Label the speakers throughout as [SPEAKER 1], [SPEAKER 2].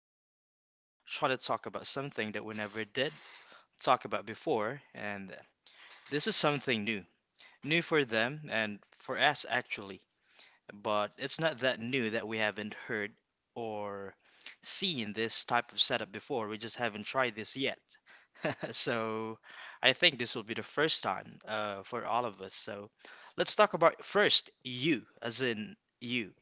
[SPEAKER 1] here trying to talk about something that we never did talk about before, and this is something new. New for them and for us, actually, but it's not that new that we haven't heard or seen this type of setup before. We just haven't tried this yet. So, I think this will be the first time for all of us. So, let's talk about first you, as in you.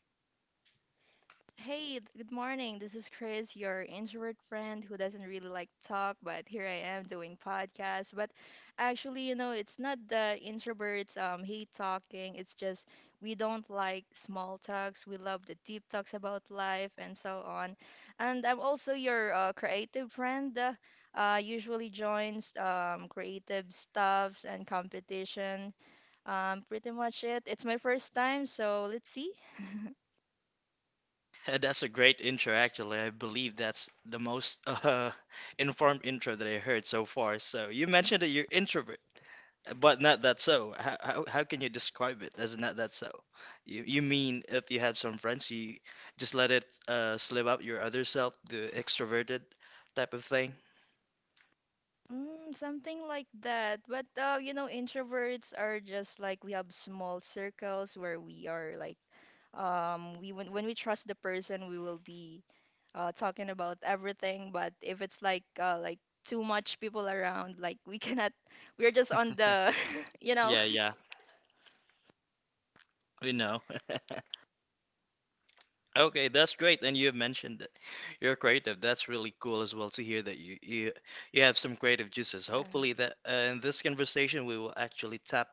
[SPEAKER 2] Hey, good morning. This is Chris, your introvert friend who doesn't really like talk, but here I am doing podcast. But actually, you know, it's not the introverts hate talking. It's just we don't like small talks. We love the deep talks about life and so on. And I'm also your creative friend. Usually joins creative stuffs and competition. Pretty much it. It's my first time, so let's see.
[SPEAKER 1] That's a great intro, actually. I believe that's the most informed intro that I heard so far. So you mentioned that you're introvert, but not that so. How can you describe it as not that so? You mean if you have some friends, you just let it slip out your other self, the extroverted type of thing?
[SPEAKER 2] Mm, something like that. But you know, introverts are just like we have small circles where we are like we when we trust the person we will be talking about everything. But if it's like too much people around, like we cannot we're just on the you know.
[SPEAKER 1] Yeah, yeah, we know. Okay, that's great. And you have mentioned that you're creative. That's really cool as well to hear that you have some creative juices. Hopefully that in this conversation we will actually tap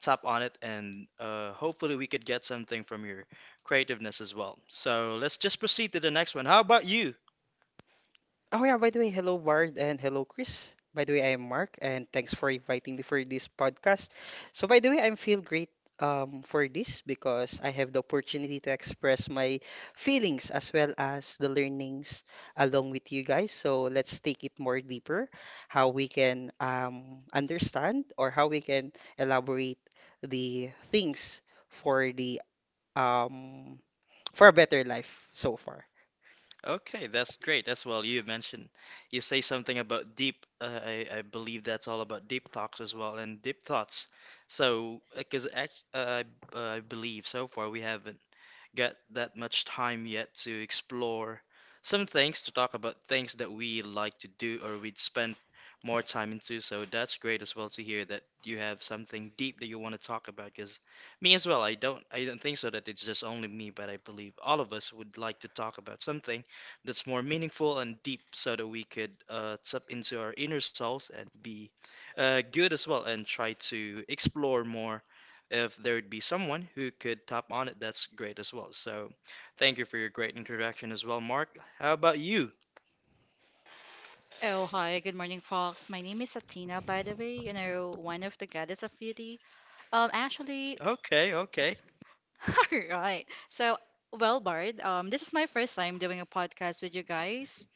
[SPEAKER 1] tap on it and hopefully we could get something from your creativeness as well. So let's just proceed to the next one. How about you?
[SPEAKER 3] Oh yeah, by the way, hello Bard and hello Chris. By the way, I am Mark and thanks for inviting me for this podcast. So by the way, I feel great for this because I have the opportunity to express my feelings as well as the learnings along with you guys. So let's take it more deeper, how we can understand or how we can elaborate the things for the um for a better life so far.
[SPEAKER 1] Okay, that's great as well. You say something about deep. I believe that's all about deep talks as well and deep thoughts. So, because 'cause act- I believe so far we haven't get that much time yet to explore some things, to talk about things that we like to do or we'd spend more time into. So that's great as well to hear that you have something deep that you want to talk about. Because me as well, I don't think so that it's just only me, but I believe all of us would like to talk about something that's more meaningful and deep, so that we could tap into our inner selves and be good as well and try to explore more if there'd be someone who could top on it, that's great as well. So thank you for your great introduction as well, Mark. How about you?
[SPEAKER 4] Oh, hi. Good morning, folks. My name is Athena, by the way, you know, one of the goddess of beauty. Um, actually,
[SPEAKER 1] Okay, okay.
[SPEAKER 4] all right. So, Bard, this is my first time doing a podcast with you guys.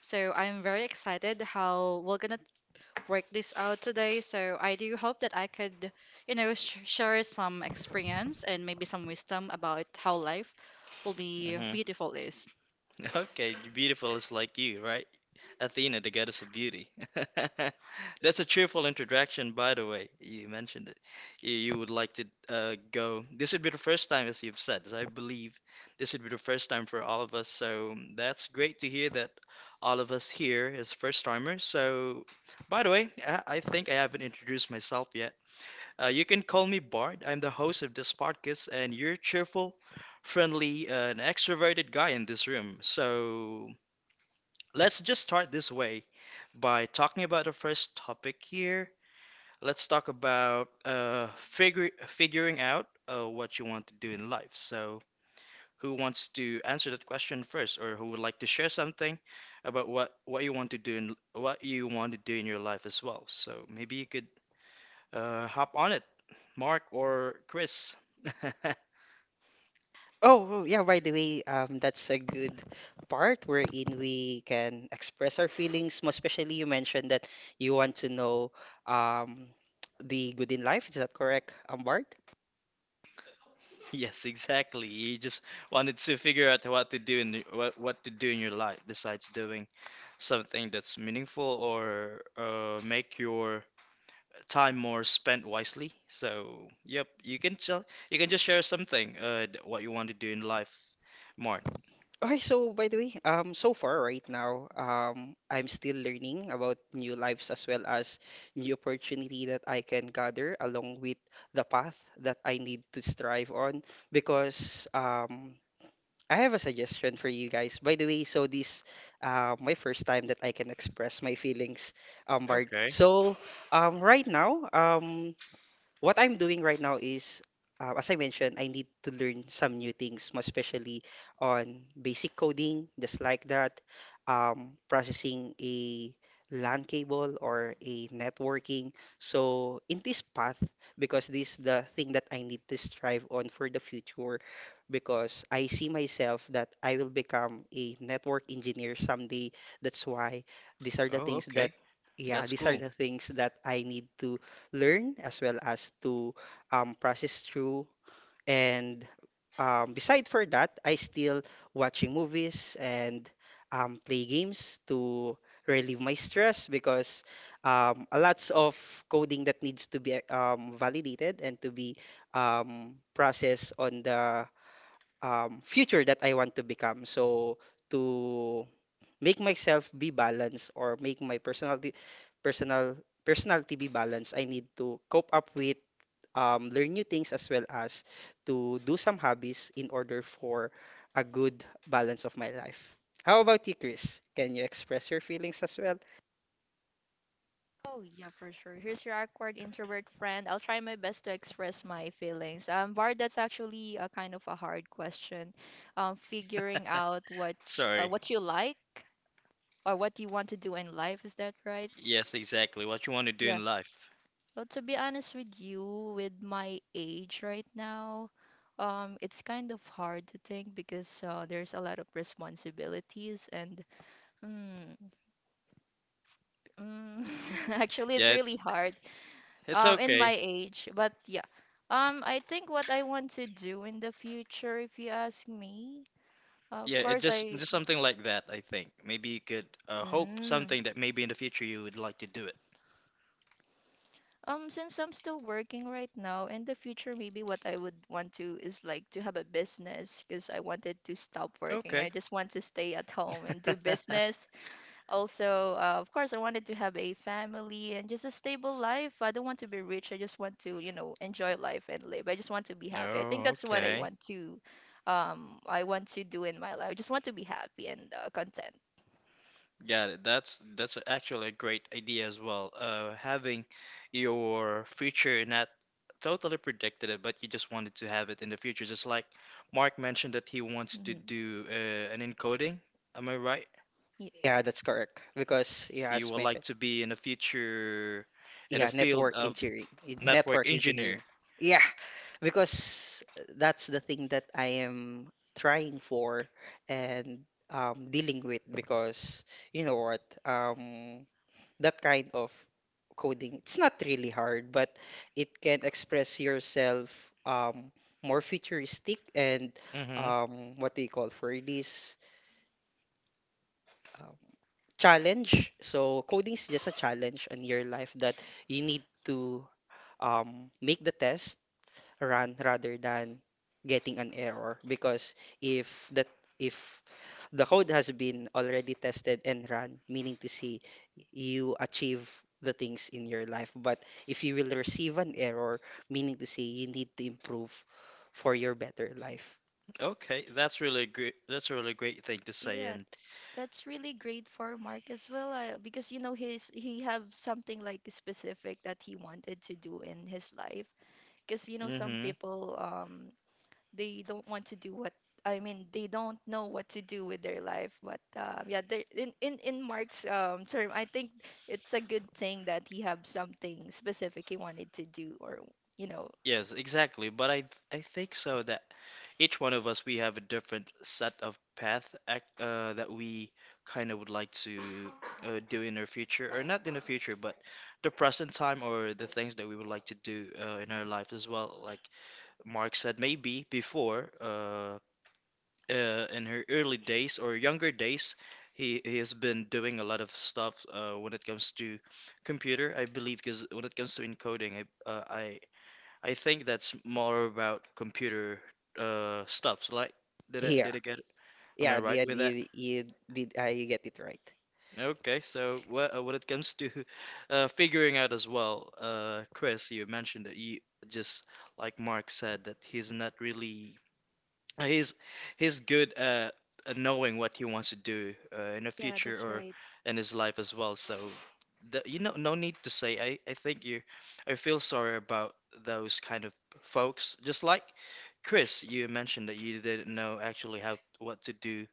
[SPEAKER 4] So, I'm very excited how we're gonna work this out today. So, I do hope that I could, you know, sh share some experience and maybe some wisdom about how life will be
[SPEAKER 1] hmm
[SPEAKER 4] beautiful is.
[SPEAKER 1] Okay, beautiful is like you, right? Athena, the goddess of beauty. That's a cheerful introduction, by the way. You mentioned it. You would like to go. This would be the first time, as you've said, as I believe this would be the first time for all of us. So that's great to hear that all of us here is first timers. So, by the way, I think I haven't introduced myself you can call me Bart. I'm the host of this podcast, and you're cheerful, friendly, and extroverted guy in this room. So let's just start this way by talking about the first topic here. Let's talk about figure figuring out what you want to do in life. So who wants to answer that question first, or who would like to share something about what you want to do in your life as well? So maybe you could hop on it, Mark or Chris.
[SPEAKER 3] Oh yeah, by the way, that's a good part wherein we can express our feelings. Most especially, you mentioned that you want to know um, the good in life. Is that correct, Bart?
[SPEAKER 1] Yes, exactly. You just wanted to figure out what to do in your life besides doing something that's meaningful or make your time more spent wisely. So, yep, you can just share something what you want to do in life, Mark.
[SPEAKER 3] Okay, so by the way, so far right now, I'm still learning about new lives as well as new opportunity that I can gather along with the path that I need to strive on because I have a suggestion for you guys. By the way, so this my first time that I can express my feelings, Bard.
[SPEAKER 1] Okay.
[SPEAKER 3] So right now, what I'm doing right now is, as I mentioned, I need to learn some new things, most especially on basic coding, just like that, processing a LAN cable or a networking. So in this path, because this the thing that I need to strive on for the future, because I see myself that I will become a network engineer someday. That's why these are the
[SPEAKER 1] Oh,
[SPEAKER 3] things that,
[SPEAKER 1] okay.
[SPEAKER 3] yeah,
[SPEAKER 1] That's
[SPEAKER 3] these are
[SPEAKER 1] cool.
[SPEAKER 3] the things that I need to learn as well as to process through. And beside for that, I still watching movies and play games to relieve my stress because a lots of coding that needs to be validated and to be processed on the future that I want to become. So to make myself be balanced or make my personal personality be balanced, I need to cope up with learn new things as well as to do some hobbies in order for a good balance of my life. How about you, Chris? Can you express your feelings as well?
[SPEAKER 2] Oh, yeah, for sure. Here's your awkward introvert friend. I'll try my best to express my feelings. Var, that's actually a kind of a hard question. Figuring out
[SPEAKER 1] Sorry.
[SPEAKER 2] what you like or what you want to do in life, is that right?
[SPEAKER 1] Yes, exactly. What you want to do
[SPEAKER 2] Yeah.
[SPEAKER 1] in life.
[SPEAKER 2] Well, to be honest with you, with my age right now, it's kind of hard to think because there's a lot of responsibilities and mm, mm, actually, it's
[SPEAKER 1] Yeah,
[SPEAKER 2] really
[SPEAKER 1] it's
[SPEAKER 2] hard.
[SPEAKER 1] it's
[SPEAKER 2] In my
[SPEAKER 1] okay.
[SPEAKER 2] age, but yeah, I think what I want to do in the future, if you ask me, of
[SPEAKER 1] Yeah, it
[SPEAKER 2] course, I
[SPEAKER 1] just something like that, I think. Maybe you could hope
[SPEAKER 2] mm,
[SPEAKER 1] something that maybe in the future you would like to do it.
[SPEAKER 2] since I'm still working right now, in the future maybe what I would want to is like to have a business because I wanted to stop working. I
[SPEAKER 1] Okay.
[SPEAKER 2] just want to stay at home and do business. Also, of course, I wanted to have a family and just a stable life. I don't want to be rich. I just want to, you know, enjoy life and live. I just want to be happy. I think
[SPEAKER 1] Oh,
[SPEAKER 2] that's what
[SPEAKER 1] okay.
[SPEAKER 2] I want to do in my life. I just want to be happy and content.
[SPEAKER 1] Got it. That's actually a great idea as well. Having your future not totally predicted it, but you just wanted to have it in the future. Just like Mark mentioned that he wants to
[SPEAKER 2] Hmm.
[SPEAKER 1] do an encoding. Am I right?
[SPEAKER 2] Yeah.
[SPEAKER 3] Yeah, that's correct. Because yeah,
[SPEAKER 1] So you
[SPEAKER 3] as
[SPEAKER 1] would like
[SPEAKER 3] mentioned,
[SPEAKER 1] to be in the future in the
[SPEAKER 3] yeah,
[SPEAKER 1] field
[SPEAKER 3] network
[SPEAKER 1] of
[SPEAKER 3] engineering,
[SPEAKER 1] network
[SPEAKER 3] network
[SPEAKER 1] engineer.
[SPEAKER 3] engineering. Yeah, because that's the thing that I am trying for and dealing with because you know what, that kind of coding, it's not really hard, but it can express yourself um, more futuristic and
[SPEAKER 1] Mm-hmm.
[SPEAKER 3] what do you call for this? um, challenge. So coding is just a challenge in your life that you need to make the test run rather than getting an error because if that if the code has been already tested and run, meaning to say you achieve the things in your life. But if you will receive an error, meaning to say you need to improve for your better life.
[SPEAKER 1] Okay, that's really great. That's a really great thing to say.
[SPEAKER 2] Yeah,
[SPEAKER 1] And
[SPEAKER 2] that's really great for Mark as well, because you know he have something like specific that he wanted to do in his life. Because you know some
[SPEAKER 1] mm-hmm.
[SPEAKER 2] people they don't want to do what I mean they don't know what to do with their life, but yeah, there in Mark's term, I think it's a good thing that he have something specific he wanted to do, or you know.
[SPEAKER 1] Yes, exactly. But I think so that each one of us we have a different set of path ac that we kind of would like to do in our future, or not in the future, but the present time or the things that we would like to do in our life as well. Like Mark said, maybe before in her early days or younger days, he has been doing a lot of stuff when it comes to computer, I believe, because when it comes to encoding, I uh, I I think that's more about computer stuff. So, like, did
[SPEAKER 3] Here.
[SPEAKER 1] I get it? Am I
[SPEAKER 3] Yeah,
[SPEAKER 1] right
[SPEAKER 3] yeah,
[SPEAKER 1] with that?
[SPEAKER 3] you did I get it right.
[SPEAKER 1] Okay, so wh when it comes to figuring out as well, Chris, you mentioned that you just like Mark said that he's not really uh, he's he's good at knowing what he wants to do in the
[SPEAKER 2] Yeah,
[SPEAKER 1] future
[SPEAKER 2] that's
[SPEAKER 1] or
[SPEAKER 2] right.
[SPEAKER 1] in his life as well. So the, you know, no need to say. I think you I feel sorry about those kind of folks. Just like Chris, you mentioned that you didn't know actually how what to do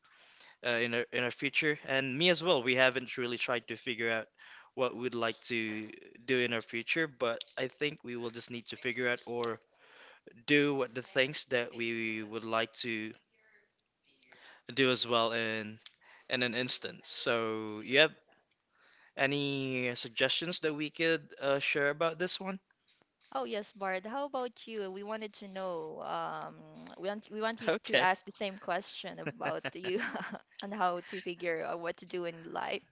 [SPEAKER 1] in our future, and me as well. We haven't really tried to figure out what we'd like to do in our future, but I think we will just need to figure out or do what the things that we would like to do as well in an instance. So, you have any suggestions that we could share about this one?
[SPEAKER 2] Oh yes, Bard, how about you? We wanted to know, we want you to
[SPEAKER 1] Okay,
[SPEAKER 2] ask the same question about you and how to figure out what to do in life.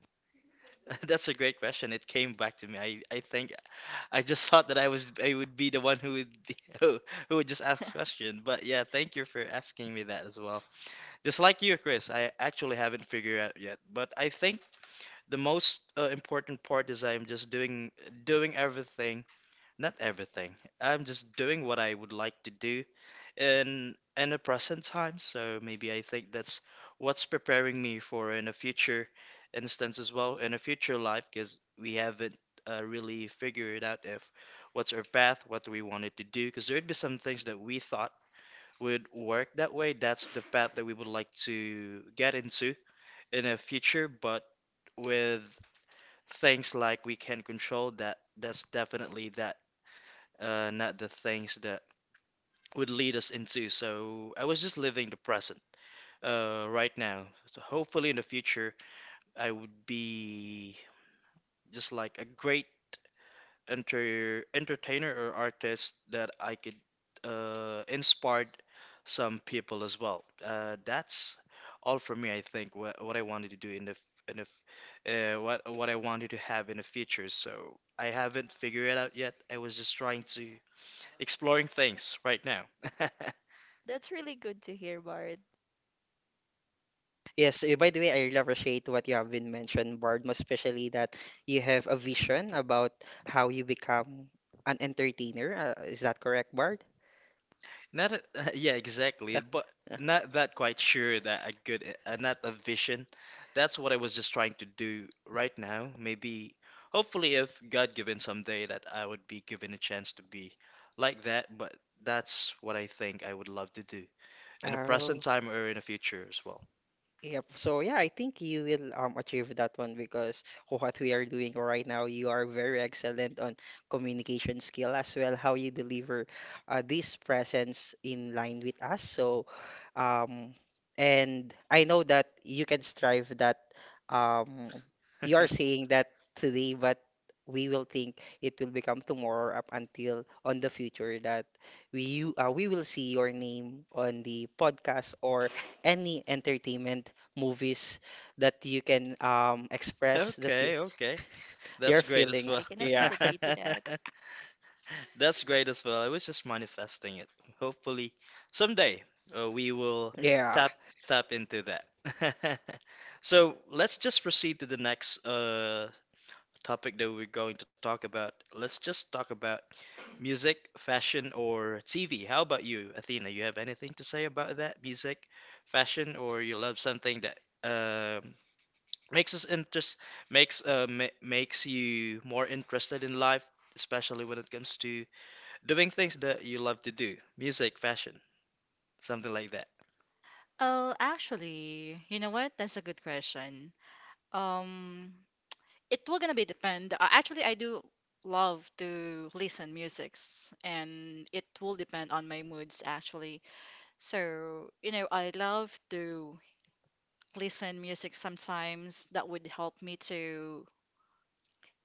[SPEAKER 1] that's a great question. It came back to me. I think I just thought that I would be the one who would be, who would just ask question. But yeah, thank you for asking me that as well. Just like you, Chris, I actually haven't figured out yet. But I think the most important part is I'm just doing everything, not everything. I'm just doing what I would like to do in the present time. So maybe I think that's what's preparing me for in a future instance as well, in a future life, because we haven't really figured out if what's our path, what we wanted to do, because there'd be some things that we thought would work that way. That's the path that we would like to get into in a future, but with things like we can control that, that's definitely that, not the things that would lead us into. So I was just living the present right now. So hopefully in the future, I would be just like a great entertainer or artist that I could inspire some people as well. That's all for me, I think. What I wanted to do in the f- what I wanted to have in the future. So I haven't figured it out yet. I was just trying to exploring things right now.
[SPEAKER 2] That's really good to hear, Bard.
[SPEAKER 3] Yes, eh, by the way, I really appreciate what you have been mentioned, Bard, most especially that you have a vision about how you become an entertainer. Is that correct, Bard?
[SPEAKER 1] Not a, yeah, exactly. But not that quite sure that not a vision. That's what I was just trying to do right now. Maybe, hopefully, if God given someday that I would be given a chance to be like that. But that's what I think I would love to do in the present
[SPEAKER 3] Oh,
[SPEAKER 1] time or in the future as well.
[SPEAKER 3] yep. So yeah, I think you will achieve that one because what we are doing right now, you are very excellent on communication skill as well, how you deliver this presence in line with us. So um and I know that you can strive that um you are saying that today, but we will think it will become tomorrow up until on the future that we will see your name on the podcast or any entertainment movies that you can express the fe
[SPEAKER 1] Okay, okay. That's
[SPEAKER 3] your
[SPEAKER 1] great as well.
[SPEAKER 2] I
[SPEAKER 3] feelings.
[SPEAKER 2] cannot
[SPEAKER 3] Yeah.
[SPEAKER 2] disagree to that.
[SPEAKER 1] That's great as well. I was just manifesting it. Hopefully, someday we will
[SPEAKER 3] Yeah.
[SPEAKER 1] tap tap into that. So let's just proceed to the next topic that we're going to talk about. Let's just talk about music, fashion, or TV. How about you, Athena? You have anything to say about that? Music, fashion, or you love something that um makes us interest makes ma makes you more interested in life, especially when it comes to doing things that you love to do. Music, fashion, something like that.
[SPEAKER 4] Oh, actually, you know what? That's a good question. Um, it will gonna be depend. Actually, I do love to listen musics, and it will depend on my moods actually. So you know, I love to listen music sometimes. That would help me to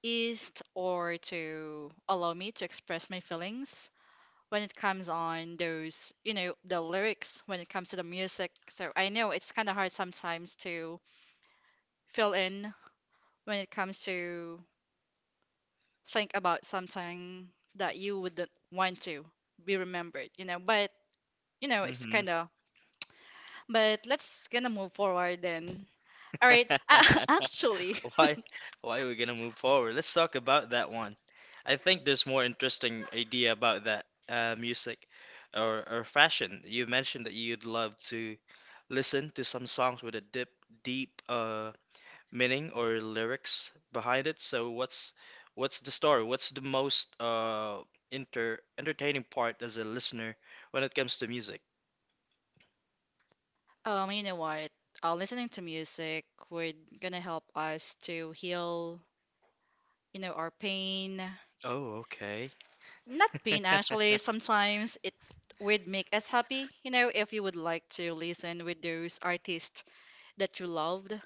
[SPEAKER 4] ease or to allow me to express my feelings when it comes on those, you know, the lyrics when it comes to the music. So I know it's kind of hard sometimes to fill in when it comes to think about something that you wouldn't want to be remembered, you know. But you know, it's
[SPEAKER 1] hmm
[SPEAKER 4] kind of. But let's gonna move forward then. All right.
[SPEAKER 1] Why, why are we gonna move forward? Let's talk about that one. I think there's more interesting idea about that music or fashion. You mentioned that you'd love to listen to some songs with a deep deep meaning or lyrics behind it. So what's the story? What's the most inter entertaining part as a listener when it comes to music?
[SPEAKER 4] You know what? Listening to music would gonna help us to heal, you know, our pain.
[SPEAKER 1] Oh, okay.
[SPEAKER 4] Not pain actually. Sometimes it would make us happy, you know, if you would like to listen with those artists that you loved.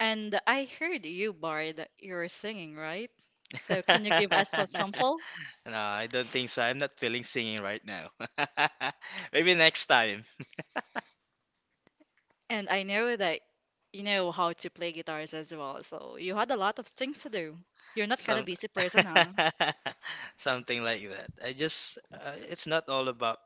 [SPEAKER 4] And I heard you, Bar, that you are singing, right? So can you give us some sample?
[SPEAKER 1] No, I don't think so. I'm not feeling singing right now. Maybe next time.
[SPEAKER 4] And I know that you know how to play guitars as well, so you had a lot of things to do. You're not kind of
[SPEAKER 1] Some
[SPEAKER 4] busy person, huh?
[SPEAKER 1] something like that. I just it's not all about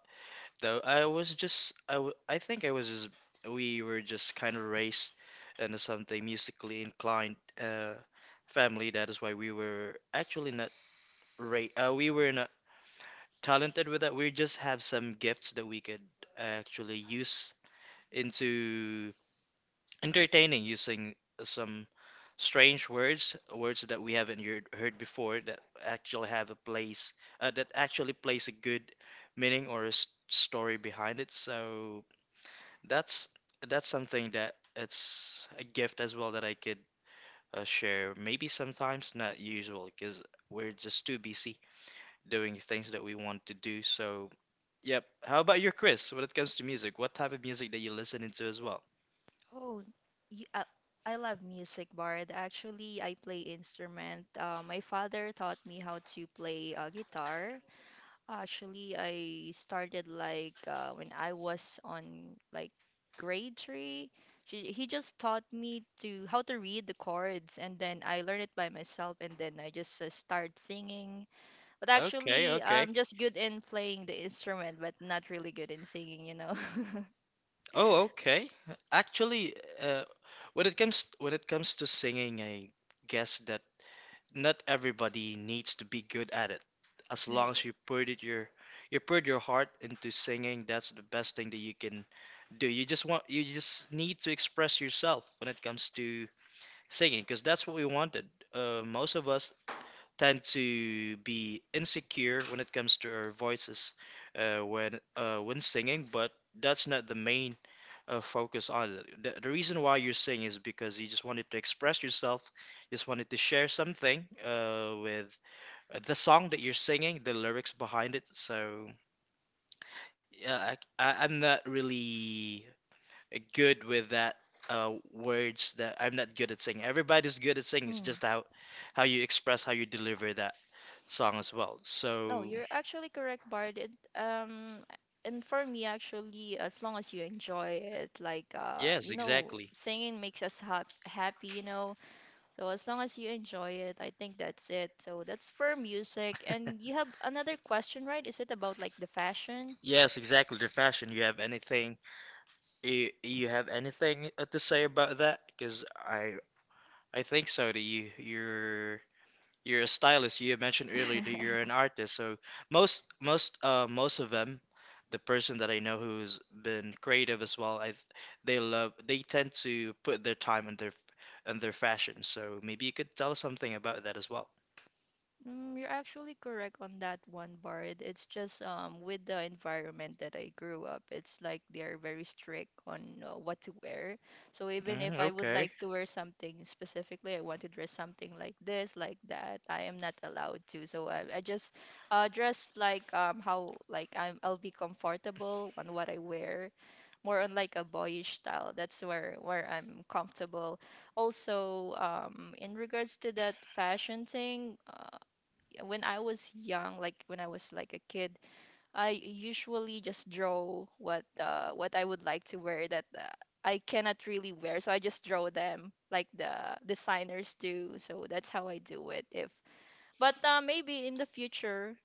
[SPEAKER 1] though. I was just I, w I think I was just we were just kind of raised into something musically inclined uh family. That is why we were actually not ra we were not talented with that. We just have some gifts that we could actually use into entertaining using some strange words, words that we haven't heard before that actually have a place, that actually plays a good meaning or a story behind it. So that's that's something that it's a gift as well that I could share. Maybe sometimes not usual because we're just too busy doing things that we want to do. So yep. How about your Chris? When it comes to music, what type of music that you listen into as well?
[SPEAKER 2] Oh, y I love music, Bard. Actually, I play instrument. My father taught me how to play guitar. Actually, I started like when I was on like grade three. He just taught me to how to read the chords, and then I learned it by myself, and then I just start singing. But
[SPEAKER 1] Okay,
[SPEAKER 2] actually,
[SPEAKER 1] okay.
[SPEAKER 2] I'm just good in playing the instrument, but not really good in singing, you know.
[SPEAKER 1] Oh, okay. Actually, uh, when it comes to singing, I guess that not everybody needs to be good at it. As long as
[SPEAKER 2] Right.
[SPEAKER 1] you put your heart into singing, that's the best thing that you can do. You just need to express yourself when it comes to singing, because that's what we wanted. Most of us tend to be insecure when it comes to our voices when singing, but that's not the main focus on it. The reason why you're saying is because you just wanted to express yourself, just wanted to share something with the song that you're singing, the lyrics behind it. So yeah, I'm not really good with that words that I'm not good at singing. Everybody's good at singing. It's
[SPEAKER 2] Mm.
[SPEAKER 1] just how you express, how you deliver that song as well.
[SPEAKER 2] No,
[SPEAKER 1] So
[SPEAKER 2] you're actually correct, Bard. It, and for me, actually, as long as you enjoy it, like
[SPEAKER 1] yes,
[SPEAKER 2] you know,
[SPEAKER 1] exactly.
[SPEAKER 2] singing makes us ha happy, you know. So as long as you enjoy it, I think that's it. So that's for music. And you have another question, right? Is it about like the fashion?
[SPEAKER 1] Yes, exactly. The fashion. You have anything? You have anything to say about that? Because I think so that you're a stylist. You had mentioned earlier that you're an artist. So most of them, the person that I know who's been creative as well, I they tend to put their time and their fashion. So maybe you could tell us something about that as well.
[SPEAKER 2] Mm, you're actually correct on that one, Bard. It's just with the environment that I grew up, it's like they're very strict on what to wear. So even if
[SPEAKER 1] Mm,
[SPEAKER 2] I would
[SPEAKER 1] okay,
[SPEAKER 2] like to wear something specifically, I want to dress something like this, like that, I am not allowed to. So I just dress like how like I'll be comfortable on what I wear, more on like a boyish style. That's where I'm comfortable. Also, in regards to that fashion thing, when I was young, like when I was like a kid, I usually just draw what I would like to wear that I cannot really wear. So I just draw them like the designers do. So that's how I do it. If but maybe in the future,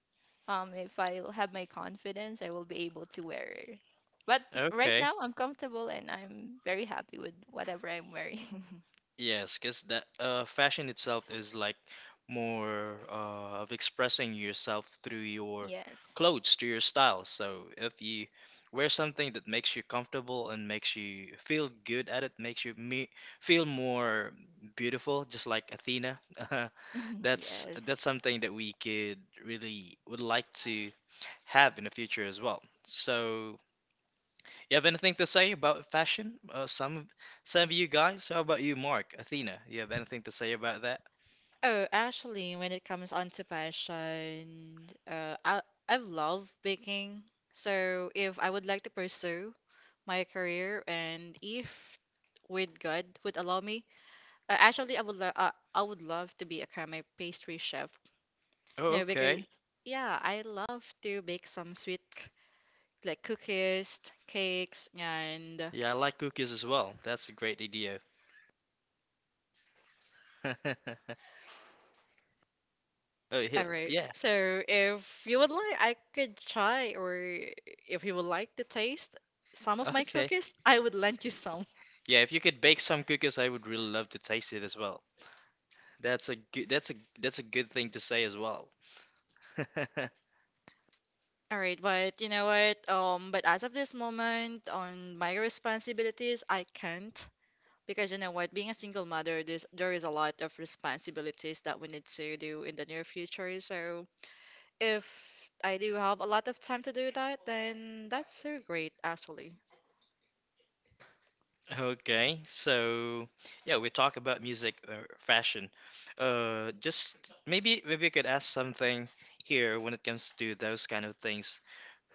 [SPEAKER 2] if I have my confidence, I will be able to wear it. But right
[SPEAKER 1] okay.
[SPEAKER 2] now, I'm comfortable and I'm very happy with whatever I'm wearing.
[SPEAKER 1] Yes, because that fashion itself is like more of expressing yourself through your
[SPEAKER 2] Yes.
[SPEAKER 1] clothes, through your style. So if you wear something that makes you comfortable and makes you feel good at it, makes you me feel more beautiful, just like Athena. that's
[SPEAKER 2] Yes.
[SPEAKER 1] that's something that we could really would like to have in the future as well. So. You have anything to say about fashion? Some of you guys? How about you, Mark? Athena, you have anything to say about that?
[SPEAKER 4] Oh, actually, when it comes on to passion, I love baking. So if I would like to pursue my career, and if with God would allow me, actually I would lo- I would love to become a pastry chef.
[SPEAKER 1] Oh,
[SPEAKER 4] No, because
[SPEAKER 1] okay.
[SPEAKER 4] yeah, I love to bake some like cookies, cakes, and
[SPEAKER 1] Yeah, I like cookies as well. That's a great idea. Oh,
[SPEAKER 4] all right.
[SPEAKER 1] yeah.
[SPEAKER 4] So if you would like, I could try, or if you would like to taste some of my
[SPEAKER 1] Okay.
[SPEAKER 4] cookies, I would lend you some.
[SPEAKER 1] Yeah, if you could bake some cookies, I would really love to taste it as well. That's a that's a good thing to say as well.
[SPEAKER 4] All right, but you know what? But as of this moment, on my responsibilities, I can't because you know what? Being a single mother, there is a lot of responsibilities that we need to do in the near future. So if I do have a lot of time to do that, then that's so great, actually.
[SPEAKER 1] Okay, so yeah, we talk about music or fashion. Just maybe you could ask something here when it comes to those kind of things.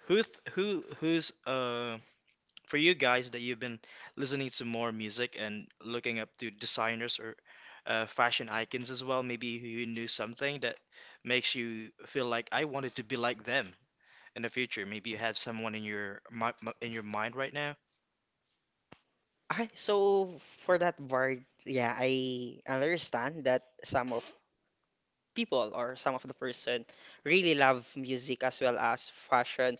[SPEAKER 1] Who who's for you guys that you've been listening to more music and looking up to designers or fashion icons as well? Maybe you knew something that makes you feel like I wanted to be like them in the future. Maybe you have someone in your in your mind right now.
[SPEAKER 3] I so for that part, yeah, I understand that some of the person really love music as well as fashion.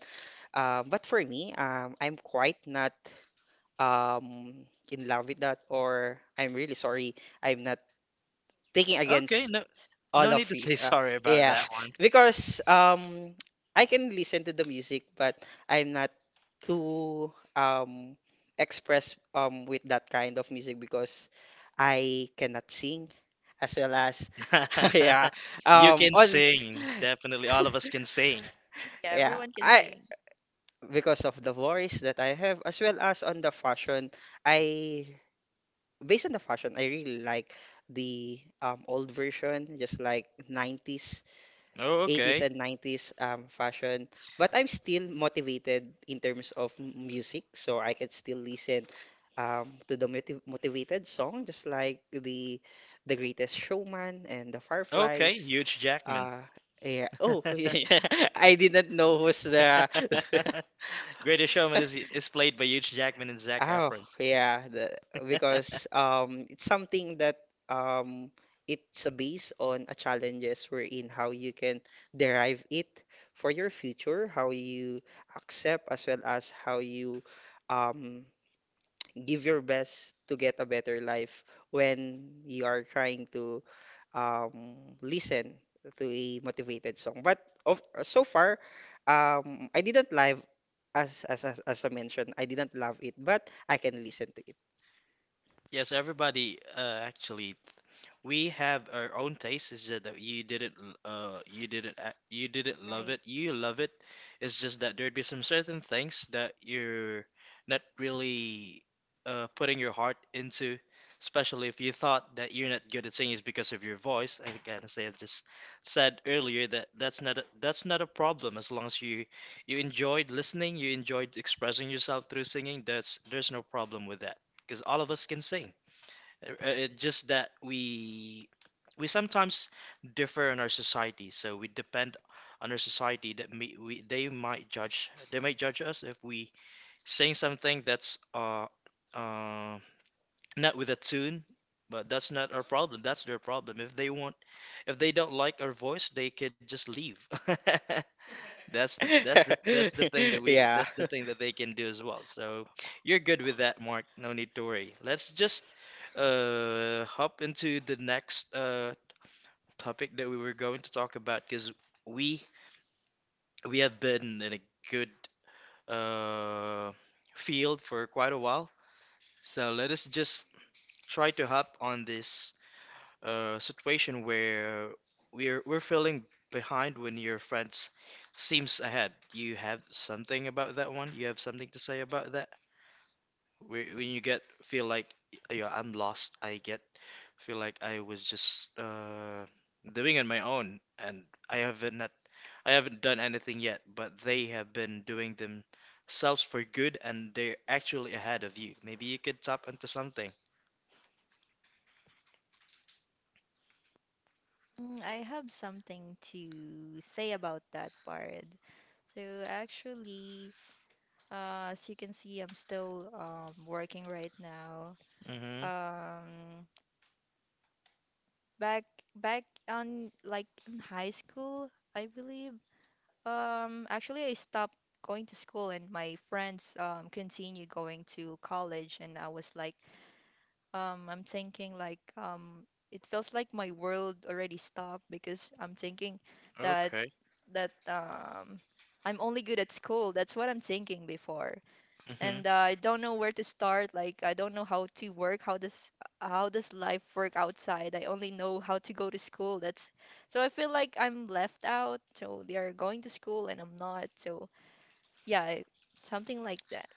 [SPEAKER 3] But for me, I'm quite not in love with that or I'm really sorry. I'm not taking
[SPEAKER 1] Okay,
[SPEAKER 3] against
[SPEAKER 1] no, no
[SPEAKER 3] all of
[SPEAKER 1] need to
[SPEAKER 3] you.
[SPEAKER 1] say sorry about
[SPEAKER 3] Yeah,
[SPEAKER 1] that one.
[SPEAKER 3] because I can listen to the music, but I'm not too express with that kind of music because I cannot sing as well as yeah
[SPEAKER 1] You can
[SPEAKER 3] on
[SPEAKER 1] sing, definitely. All of us can sing.
[SPEAKER 2] Yeah,
[SPEAKER 3] yeah
[SPEAKER 2] everyone can
[SPEAKER 3] I
[SPEAKER 2] sing.
[SPEAKER 3] because of the voice that I have as well as on the fashion I based on the fashion I really like the old version just like 90s
[SPEAKER 1] Oh,
[SPEAKER 3] 80s
[SPEAKER 1] okay.
[SPEAKER 3] and 90s fashion. But I'm still motivated in terms of music, so I can still listen to the motivated song, just like the Greatest Showman and the
[SPEAKER 1] Okay,
[SPEAKER 3] Fireflies.
[SPEAKER 1] Huge Jackman.
[SPEAKER 3] Uh, yeah. Oh, yeah. I didn't know who's the
[SPEAKER 1] Greatest Showman is played by Hugh Jackman and Zac
[SPEAKER 3] Oh,
[SPEAKER 1] Efron.
[SPEAKER 3] yeah, the, because it's something that um, it's a base on a challenges wherein how you can derive it for your future, how you accept as well as how you um, give your best to get a better life when you are trying to listen to a motivated song. But of, so far, I didn't live as I mentioned, I didn't love it, but I can listen to it.
[SPEAKER 1] Yes, everybody. Actually, we have our own taste. It's just that you didn't. You didn't. You didn't love
[SPEAKER 2] Right.
[SPEAKER 1] it. You love it. It's just that there'd be some certain things that you're not really putting your heart into. Especially if you thought that you're not good at singing is because of your voice. I gotta say, I just said earlier that that's not a problem as long as you enjoyed listening, you enjoyed expressing yourself through singing. That's there's no problem with that because all of us can sing. It's just that we sometimes differ in our society, so we depend on our society that me, we they might judge us if we sing something that's uh not with a tune, but that's not our problem. That's their problem. If they want, if they don't like our voice, they could just leave. That's the that's the thing that we
[SPEAKER 3] Yeah.
[SPEAKER 1] that's the thing that they can do as well. So you're good with that, Mark. No need to worry. Let's just hop into the next topic that we were going to talk about because we we have been in a good uh field for quite a while. So let us just try to hop on this a situation where we're feeling behind when your friends seems ahead. You have something about that one? You have something to say about that? When you get feel like yeah, I'm lost. I get feel like I was just doing on my own and I haven't not, I haven't done anything yet, but they have been doing themselves for good and they're actually ahead of you. Maybe you could tap into something.
[SPEAKER 2] Mm, I have something to say about that part. So actually, as you can see, I'm still working right now.
[SPEAKER 1] Mm-hmm.
[SPEAKER 2] Um, back back on like in high school, I believe. Actually, I stopped going to school, and my friends continue going to college, and I was like I'm thinking like it feels like my world already stopped because I'm thinking that
[SPEAKER 1] Okay.
[SPEAKER 2] that um, I'm only good at school. That's what I'm thinking before, and I don't know where to start. Like I don't know how to work. How does life work outside? I only know how to go to school. That's so I feel like I'm left out. So they are going to school and I'm not. So yeah, something like that.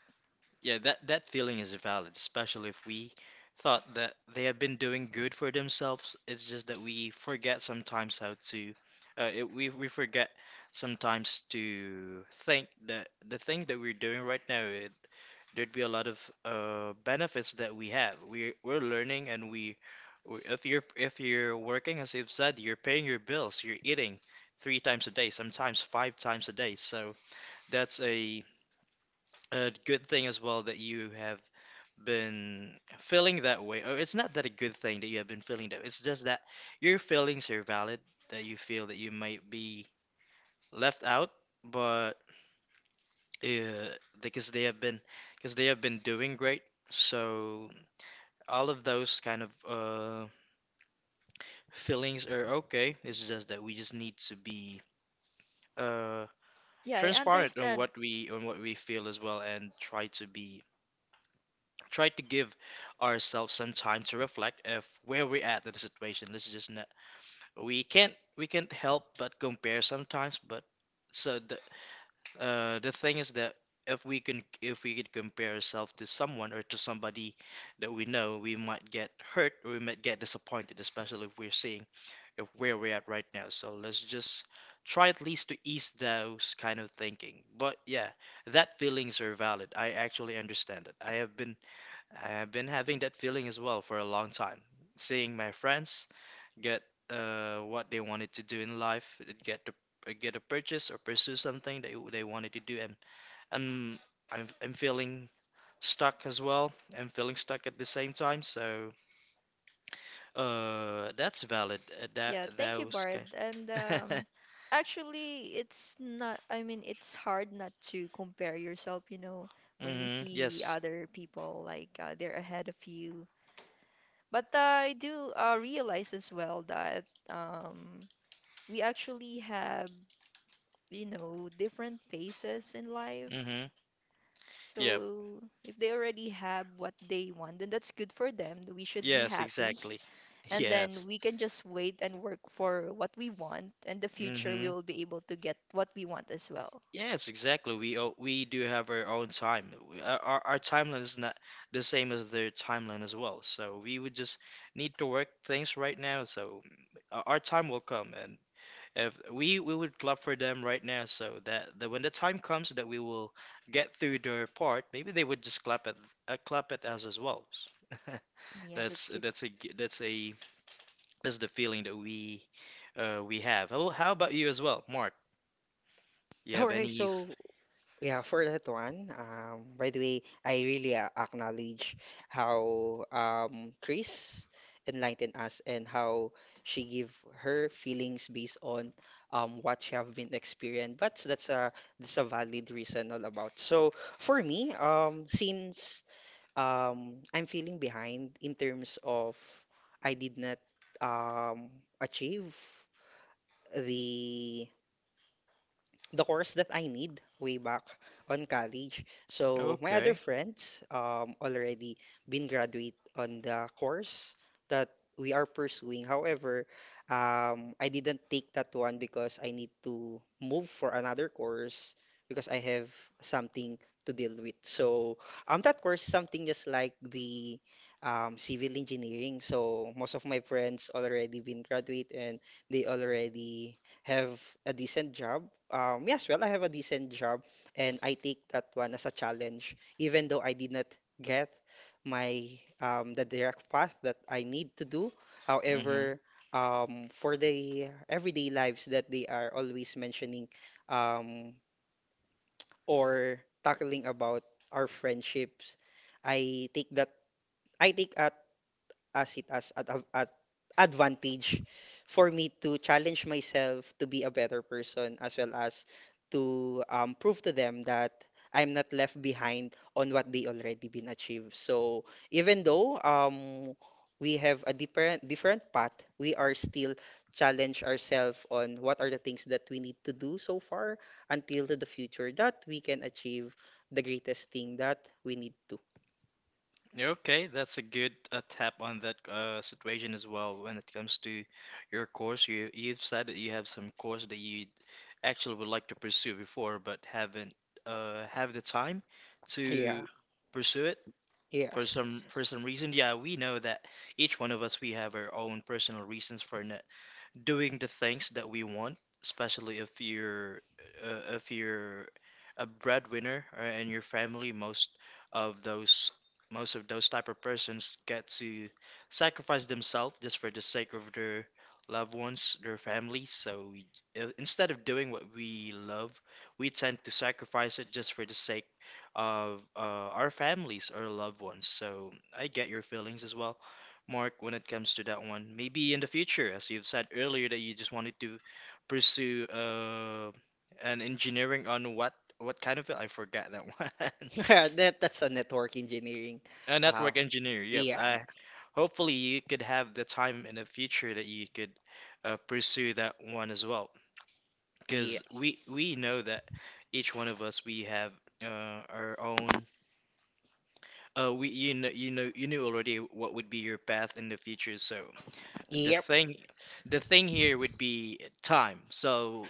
[SPEAKER 1] Yeah, that feeling is valid, especially if we thought that they have been doing good for themselves. It's just that we forget sometimes how to, we forget sometimes to think that the thing that we're doing right now, there'd be a lot of benefits that we have. We're learning and if you're working, as you've said, you're paying your bills, you're eating three times a day, sometimes five times a day. So that's a, a good thing as well that you have been feeling that way, or it's not that a good thing that you have been feeling that. It's just that your feelings are valid, that you feel that you might be left out, but uh, because they have been because they have been doing great. So all of those kind of feelings are okay. It's just that we just need to be uh,
[SPEAKER 2] Yeah, I
[SPEAKER 1] transparent
[SPEAKER 2] understand.
[SPEAKER 1] on what we feel as well, and try to give ourselves some time to reflect of where we're at in the situation. This is just not we can't help but compare sometimes but so the thing is that if we could compare ourselves to someone or to somebody that we know we might get hurt or we might get disappointed especially if we're seeing if where we're at right now. So let's just try at least to ease those kind of thinking but yeah that feelings are valid. I actually understand it. I have been having that feeling as well for a long time seeing my friends get what they wanted to do in life, get the get a purchase or pursue something they wanted to do. And I'm I'm feeling stuck as well. I'm feeling stuck at the same time. So that's valid. That
[SPEAKER 2] Yeah, thank you,
[SPEAKER 1] those
[SPEAKER 2] Bard. And
[SPEAKER 1] kind.
[SPEAKER 2] actually, it's not, I mean, it's hard not to compare yourself, you know, when you
[SPEAKER 1] Mm-hmm.
[SPEAKER 2] see
[SPEAKER 1] Yes.
[SPEAKER 2] other people like they're ahead of you. But I do realize as well that um, we actually have, you know, different paces in life.
[SPEAKER 1] Mm-hmm. Yep.
[SPEAKER 2] So if they already have what they want, then that's good for them. We should be
[SPEAKER 1] Yes.
[SPEAKER 2] happy.
[SPEAKER 1] Exactly.
[SPEAKER 2] And then
[SPEAKER 1] Yes.
[SPEAKER 2] we can just wait and work for what we want, and the future we
[SPEAKER 1] Mm-hmm.
[SPEAKER 2] will be able to get what we want as well.
[SPEAKER 1] Yes, exactly. We do have our own time. Our timeline is not the same as their timeline as well. So we would just need to work things right now. So our time will come, and if we would clap for them right now, so that when the time comes that we will get through their part, maybe they would just clap at us as well.
[SPEAKER 2] Yeah, that's good.
[SPEAKER 1] That's a g- that's a that's the feeling that we have. How about you as well, Mark? You
[SPEAKER 3] All
[SPEAKER 1] have
[SPEAKER 3] right,
[SPEAKER 1] any?
[SPEAKER 3] so
[SPEAKER 1] F-
[SPEAKER 3] yeah, for that one, by the way, I really acknowledge how Chris enlightened us and how she give her feelings based on what she have been experienced. But that's a valid reason all about. So for me, since I'm feeling behind in terms of I did not um, achieve the the course that I need way back on college. So my other
[SPEAKER 1] Okay.
[SPEAKER 3] friends already been graduate on the course that we are pursuing. However, I didn't take that one because I need to move for another course because I have something to deal with. So that course something just like the civil engineering. So most of my friends already been graduate and they already have a decent job. Yes, well, I have a decent job, and I take that one as a challenge, even though I did not get my the direct path that I need to do. However, for the everyday lives that they are always mentioning um, or tackling about our friendships, I take that I take a as it as at advantage for me to challenge myself to be a better person as well as to prove to them that I'm not left behind on what they already been achieved. So even though we have a different path, we are still challenge ourselves on what are the things that we need to do so far until to the future that we can achieve the greatest thing that we need to.
[SPEAKER 1] Okay, that's a good tap on that situation as well when it comes to your course. You've said that you have some course that you actually would like to pursue before, but haven't have the time to
[SPEAKER 3] Yeah.
[SPEAKER 1] pursue it
[SPEAKER 3] Yes.
[SPEAKER 1] for some reason. Yeah, we know that each one of us we have our own personal reasons for not doing the things that we want, especially if you're a breadwinner or in your family, of those most of those type of persons get to sacrifice themselves just for the sake of their loved ones, their families. So we, instead of doing what we love, we tend to sacrifice it just for the sake of our families or loved ones. So I get your feelings as well. Mark, when it comes to that one? Maybe in the future, as you've said earlier, that you just wanted to pursue an engineering on what kind of it? I forgot that one.
[SPEAKER 3] Yeah, that that's a network engineering.
[SPEAKER 1] A
[SPEAKER 3] Uh,
[SPEAKER 1] network engineer. Yep.
[SPEAKER 3] yeah, and-
[SPEAKER 1] I, hopefully, you could have the time in the future that you could pursue that one as well,
[SPEAKER 3] yeah,
[SPEAKER 1] because we know that each one of us we have uh, our own. We you knew already what would be your path in the future, so the
[SPEAKER 3] yep,
[SPEAKER 1] thing, the thing here would be time. So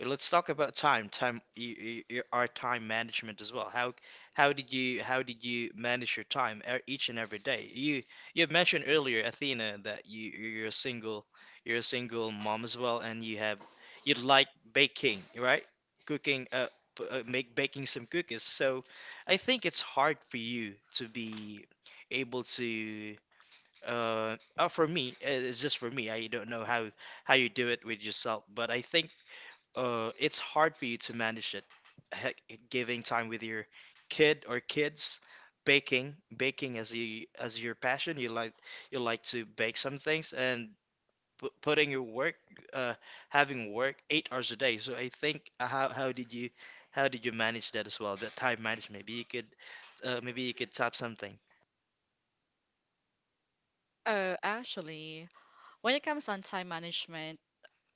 [SPEAKER 1] let's talk about time. Time, our time management as well. How did you manage your time each and every day? You have mentioned earlier, Athena, that you're a single mom as well, and you have you like baking, right? Cooking, make baking some cookies. So I think it's hard for you to be able to. For me, it's just for me. I don't know how you do it with yourself, but I think it's hard for you to manage it. Heck, giving time with your kid or kids, baking, as your passion. You like to bake some things and putting your work, uh, having work 8 hours a day. So I think how did you manage that as well? That time management. Maybe you could tap something.
[SPEAKER 4] Actually, when it comes on time management,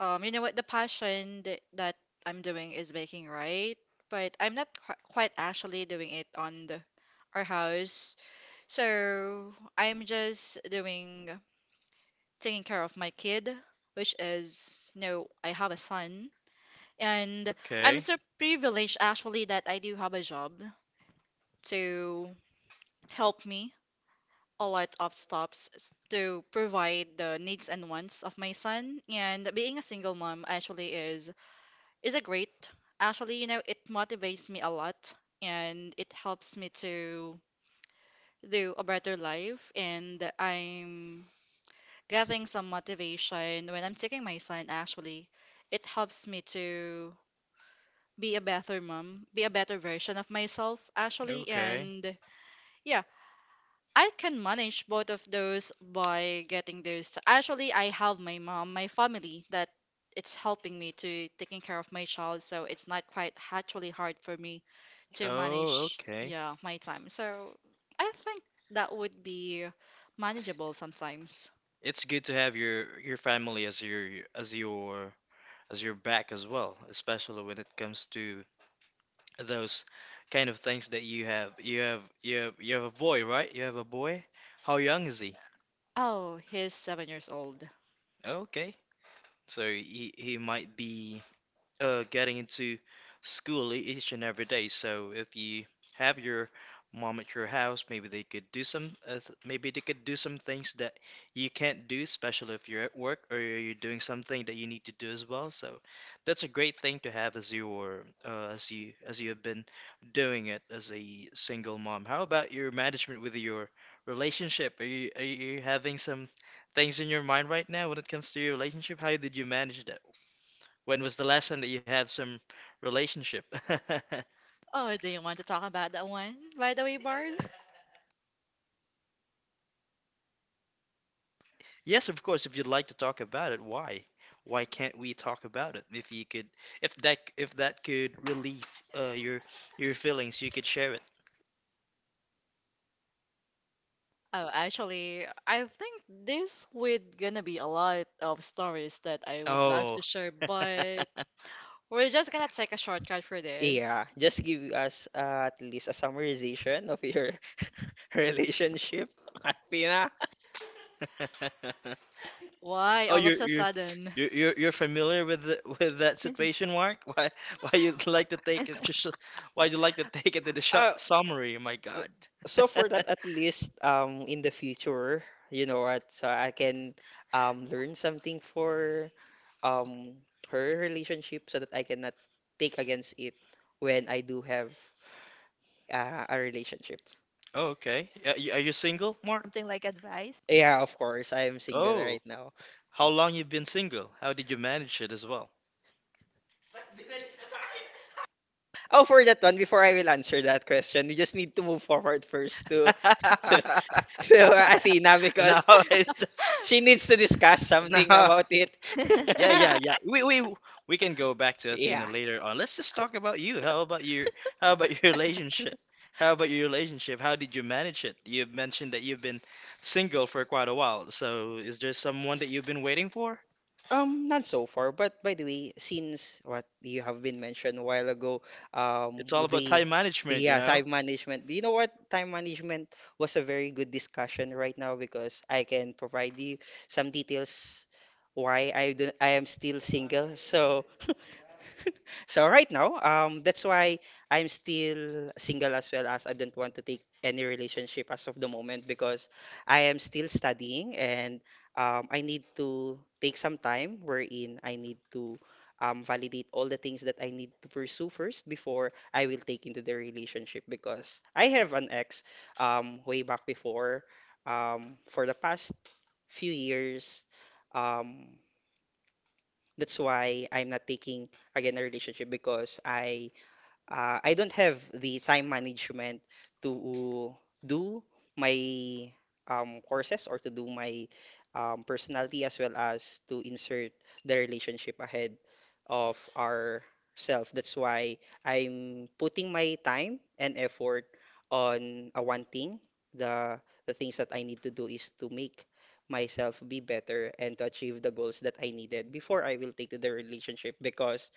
[SPEAKER 4] you know what, the passion th that I'm doing is baking, right? But I'm not qu quite actually doing it on the, our house. So I'm just doing taking care of my kid, which is, you know, I have a son, and I'm
[SPEAKER 1] Okay.
[SPEAKER 4] so privileged actually that I do have a job to help me a lot of stops s- to provide the needs and wants of my son, and being a single mom actually is a great, actually, you know, it motivates me a lot, and it helps me to do a better life, and I'm getting some motivation when I'm taking my son. Actually, it helps me to be a better mom, be a better version of myself actually.
[SPEAKER 1] Okay.
[SPEAKER 4] And yeah, I can manage both of those by getting those. Actually, I have my mom, my family, that it's helping me to taking care of my child, so it's not quite actually hard for me to
[SPEAKER 1] Oh,
[SPEAKER 4] manage,
[SPEAKER 1] okay.
[SPEAKER 4] yeah, my time. So I think that would be manageable sometimes.
[SPEAKER 1] It's good to have your family as your as your as your back as well, especially when it comes to those kind of things that you have. You have a boy, right? You have a boy. How young is he?
[SPEAKER 4] Oh, he's 7 years old.
[SPEAKER 1] Okay, so he might be, getting into school each and every day. So if you have your mom at your house, maybe they could do some, maybe they could do some things that you can't do, especially if you're at work or you're doing something that you need to do as well. So that's a great thing to have as you were, as you have been doing it as a single mom. How about your management with your relationship? Are you having some things in your mind right now when it comes to your relationship? How did you manage when was the last time that you had some relationship?
[SPEAKER 4] Oh, do you want to talk about that one, by the way, Bard?
[SPEAKER 1] Yes, of course, if you'd like to talk about it, why? Why can't we talk about it? If you could, if that could relieve uh, your your feelings, you could share it.
[SPEAKER 4] Oh, actually, I think this would gonna be a lot of stories that I would love to
[SPEAKER 1] Oh.
[SPEAKER 4] share, but we're just gonna take a shortcut for
[SPEAKER 3] yeah.
[SPEAKER 4] this.
[SPEAKER 3] Just give us at least a summarization of your relationship, Athena.
[SPEAKER 4] Why
[SPEAKER 1] Oh,
[SPEAKER 4] all of
[SPEAKER 1] you're
[SPEAKER 4] a
[SPEAKER 1] you're
[SPEAKER 4] sudden?
[SPEAKER 1] you're you're you're familiar with the, with that situation, Mark? Why you'd like to take it just why you like to take it to the shop
[SPEAKER 3] Uh,
[SPEAKER 1] summary? My
[SPEAKER 3] uh,
[SPEAKER 1] God.
[SPEAKER 3] so for that, at least in the future, you know what, so I can learn something for um her relationship so that I cannot take against it when I do have a relationship.
[SPEAKER 1] Oh, okay. Are you single, Mark?
[SPEAKER 2] Something like advice.
[SPEAKER 3] Yeah, of course, I am single right
[SPEAKER 1] Oh.
[SPEAKER 3] now.
[SPEAKER 1] How long you've been single? How did you manage it as well?
[SPEAKER 3] Oh, for that one, before I will answer that question, we just need to move forward first to to, to Athena
[SPEAKER 1] No,
[SPEAKER 3] because
[SPEAKER 1] it's just
[SPEAKER 3] she needs to discuss something
[SPEAKER 1] no.
[SPEAKER 3] about it.
[SPEAKER 1] Yeah, yeah, yeah. We We can go back to Athena
[SPEAKER 3] Yeah.
[SPEAKER 1] later on. Let's just talk about you. How about your relationship? How about your relationship? How did you manage it? You mentioned that you've been single for quite a while. So is there someone that you've been waiting for?
[SPEAKER 3] Not so far, but by the way, since what you have been mentioned a while ago,
[SPEAKER 1] It's all about
[SPEAKER 3] the
[SPEAKER 1] time management, you
[SPEAKER 3] yeah,
[SPEAKER 1] know?
[SPEAKER 3] time management. Do you know what? Time management was a very good discussion right now because I can provide you some details why I am still single. So so right now, that's why I'm still single as well as I don't want to take any relationship as of the moment because I am still studying and I need to take some time wherein I need to validate all the things that I need to pursue first before I will take into the relationship because I have an ex way back before for the past few years. Um, that's why I'm not taking again a relationship because I don't have the time management to do my courses or to do my personality as well as to insert the relationship ahead of our self. That's why I'm putting my time and effort on a one thing. The the things that I need to do is to make myself be better and to achieve the goals that I needed before I will take to the relationship because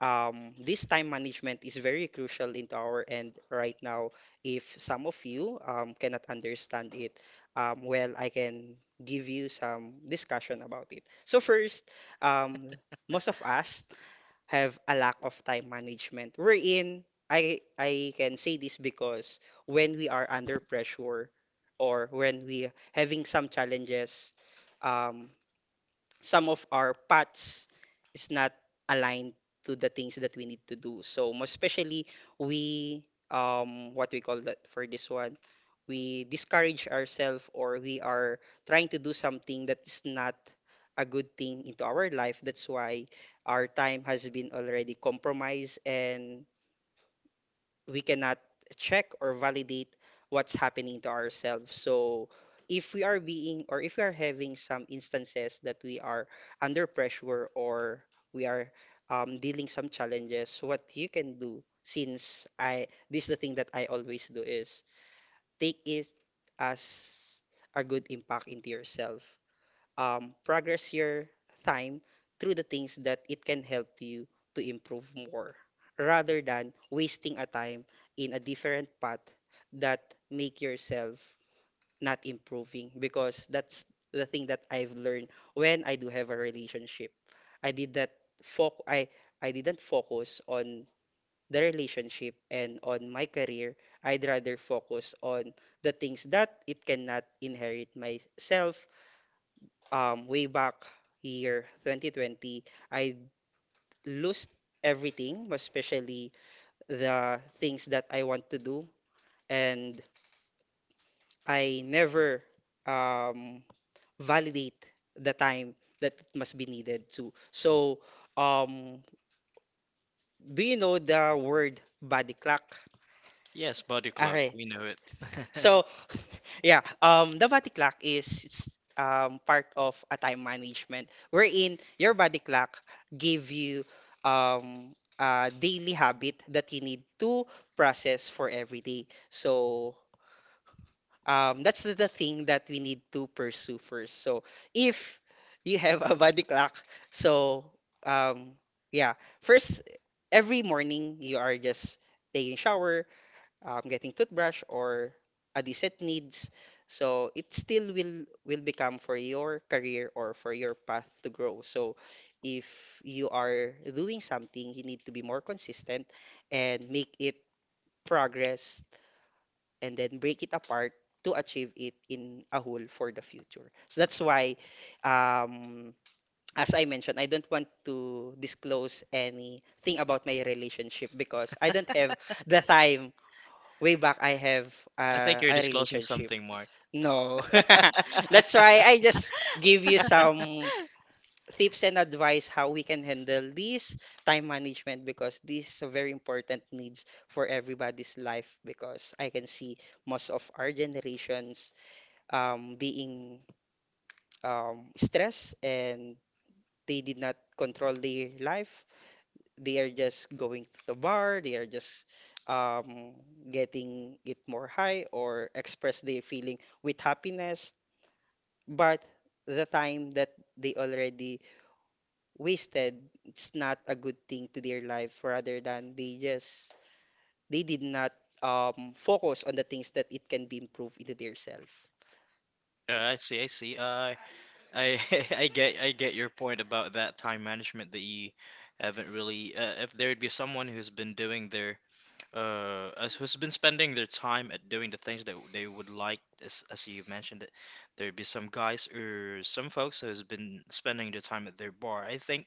[SPEAKER 3] this time management is very crucial into our end right now. If some of you cannot understand it, well, I can give you some discussion about it. So first, um, most of us have a lack of time management. We're in. I can say this because when we are under pressure or when we having some challenges, um, some of our paths is not aligned to the things that we need to do. So most especially we what we call that for this one, we discourage ourselves, or we are trying to do something that is not a good thing into our life. That's why our time has been already compromised, and we cannot check or validate what's happening to ourselves. So if we are being, or if we are having some instances that we are under pressure, or we are dealing some challenges, what you can do, since I this is the thing that I always do, is take it as a good impact into yourself. Um, progress your time through the things that it can help you to improve more, rather than wasting a time in a different path that make yourself not improving, because that's the thing that I've learned when I do have a relationship. I did that foc- I I didn't focus on the relationship and on my career. I'd rather focus on the things that it cannot inherit myself. Way back year 2020, I lost everything, especially the things that I want to do. And I never um, validate the time that it must be needed to. So, um, do you know the word body clock?
[SPEAKER 1] Yes, body
[SPEAKER 3] Yes.
[SPEAKER 1] clock.
[SPEAKER 3] Okay.
[SPEAKER 1] We know it.
[SPEAKER 3] So, yeah, the body clock is part of a time management wherein your body clock give you a daily habit that you need to process for every day. So, that's the thing that we need to pursue first. So, if you have a body clock, so um, yeah, first every morning you are just taking shower, getting toothbrush or a decent needs. So it still will become for your career or for your path to grow. So if you are doing something, you need to be more consistent and make it progress, and then break it apart to achieve it in a whole for the future. So that's why, um, as I mentioned, I don't want to disclose anything about my relationship because I don't have the time. Way back I have
[SPEAKER 1] I think you're
[SPEAKER 3] a
[SPEAKER 1] disclosing
[SPEAKER 3] relationship.
[SPEAKER 1] something, Mark.
[SPEAKER 3] No. That's why I just give you some tips and advice how we can handle this time management, because this is a very important needs for everybody's life, because I can see most of our generations being stressed, and they did not control their life. They are just going to the bar, they are just um, getting it more high or express their feeling with happiness. But the time that they already wasted, it's not a good thing to their life, rather than they did not focus on the things that it can be improved into their self.
[SPEAKER 1] I see. I I get your point about that time management that you haven't really. If there'd be someone who's been doing their who's been spending their time at doing the things that they would like, as you mentioned, it, there'd be some guys or some folks who's been spending their time at their bar. I think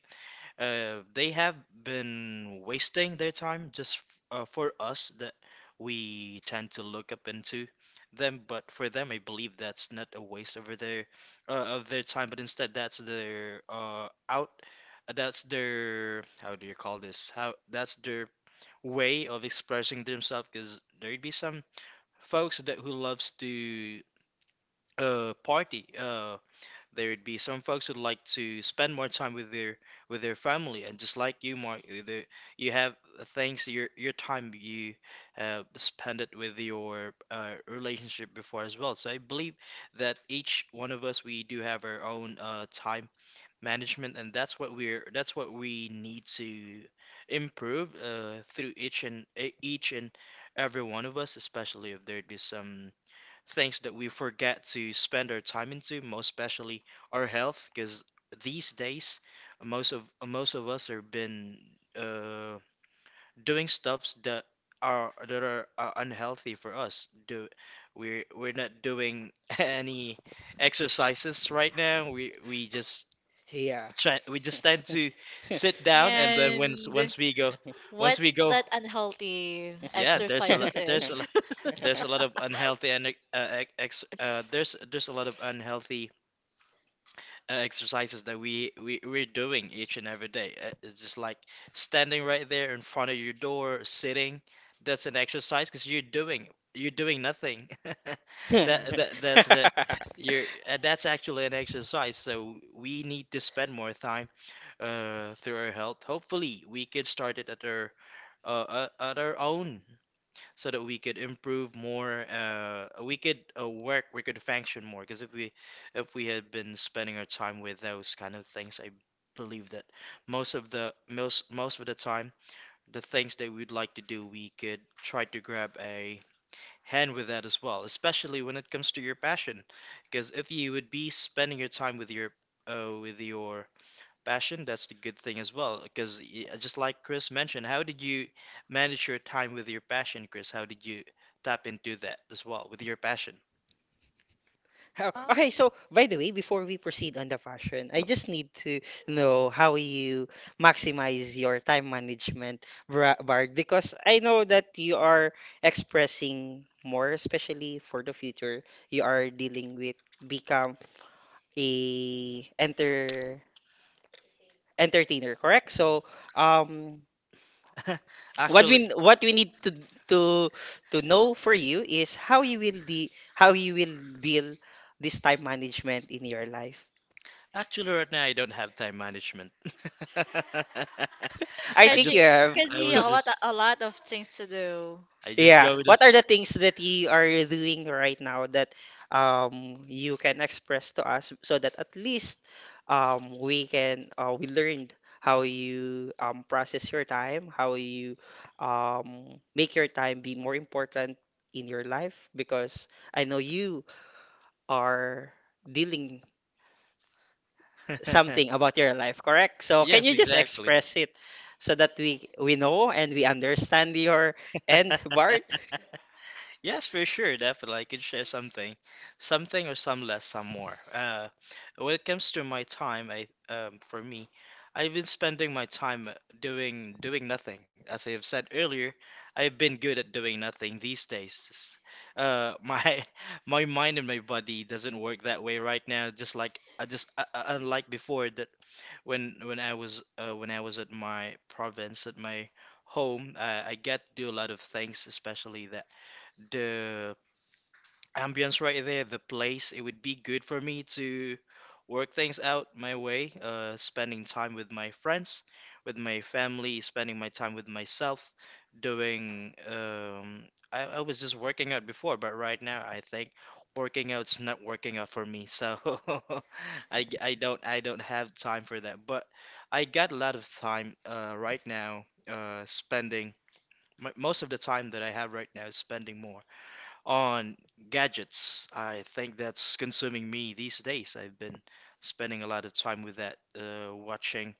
[SPEAKER 1] they have been wasting their time just f for us that we tend to look up into them, but for them, I believe that's not a waste over their of their time, but instead that's their that's their how do you call this? How that's their way of expressing themselves, because there'd be some folks that who loves to party, there would be some folks who'd like to spend more time with their family, and just like you, Mark, the, you have things your time you spend it with your relationship before as well. So I believe that each one of us we do have our own time management, and that's what we're that's what we need to improve through each and each and every one of us, especially if there'd be some things that we forget to spend our time into, most especially our health, because these days most of most of us have been uh, doing stuffs that are unhealthy for us. Do we're not doing any exercises right now. We just
[SPEAKER 3] Yeah.
[SPEAKER 1] try, we just tend to sit down and then once
[SPEAKER 4] And
[SPEAKER 1] once we go once
[SPEAKER 4] what
[SPEAKER 1] we go
[SPEAKER 4] that unhealthy
[SPEAKER 1] yeah,
[SPEAKER 4] exercises is.
[SPEAKER 1] there's a lot of unhealthy and ex there's a lot of unhealthy exercises that we're doing each and every day. It's just like standing right there in front of your door, sitting. That's an exercise because you're doing nothing. That's the you're that's actually an exercise. So we need to spend more time through our health. Hopefully, we could start it at our own so that we could improve more we could work we could function more because if we had been spending our time with those kind of things I believe that most of the time the things that we'd like to do we could try to grab a hand with that as well especially when it comes to your passion because if you would be spending your time with your uh, with your passion, that's the good thing as well. Because just like Chris mentioned, how did you manage your time with your passion, Chris? How did you tap into that as well with your passion?
[SPEAKER 3] How,
[SPEAKER 2] um
[SPEAKER 3] okay, so by the way, before we proceed on the fashion, I just need to know how you maximize your time management, Bard, because I know that you are expressing more, especially for the future. You are dealing with become a entertainer, correct? So, um, what
[SPEAKER 1] Actually,
[SPEAKER 3] we need to to to know for you is how you will deal this time management in your life.
[SPEAKER 1] actually, right now I don't have time management.
[SPEAKER 3] I
[SPEAKER 1] I
[SPEAKER 4] Cause
[SPEAKER 3] think you
[SPEAKER 4] she,
[SPEAKER 1] just,
[SPEAKER 3] have.
[SPEAKER 4] cause
[SPEAKER 1] I
[SPEAKER 4] he
[SPEAKER 1] was just,
[SPEAKER 4] a lot of things to do.
[SPEAKER 1] I just
[SPEAKER 3] Yeah.
[SPEAKER 1] go with
[SPEAKER 3] What are the things that you are doing right now that you can express to us, so that at least we can we learned how you process your time, how you make your time be more important in your life, because I know you are dealing
[SPEAKER 1] it.
[SPEAKER 3] something about your life, correct? So can
[SPEAKER 1] Yes,
[SPEAKER 3] you just
[SPEAKER 1] exactly.
[SPEAKER 3] express it so that we know and we understand your end, Bart?
[SPEAKER 1] Yes, for sure, definitely. I could share something, something or some less, some more. When it comes to my time, I for me, I've been spending my time doing nothing. As I have said earlier, I've been good at doing nothing these days. My my mind and my body doesn't work that way right now. Just like I just unlike before, that when I was when I was at my province at my home, I get to do a lot of things, especially that the ambience right there, the place. It would be good for me to work things out my way, spending time with my friends, with my family, spending my time with myself, doing, I was just working out before, but right now I think working out's not working out for me, so I don't have time for that. But I got a lot of time right now, spending m most of the time that I have right now is spending more on gadgets. I think that's consuming me these days. I've been spending a lot of time with that, watching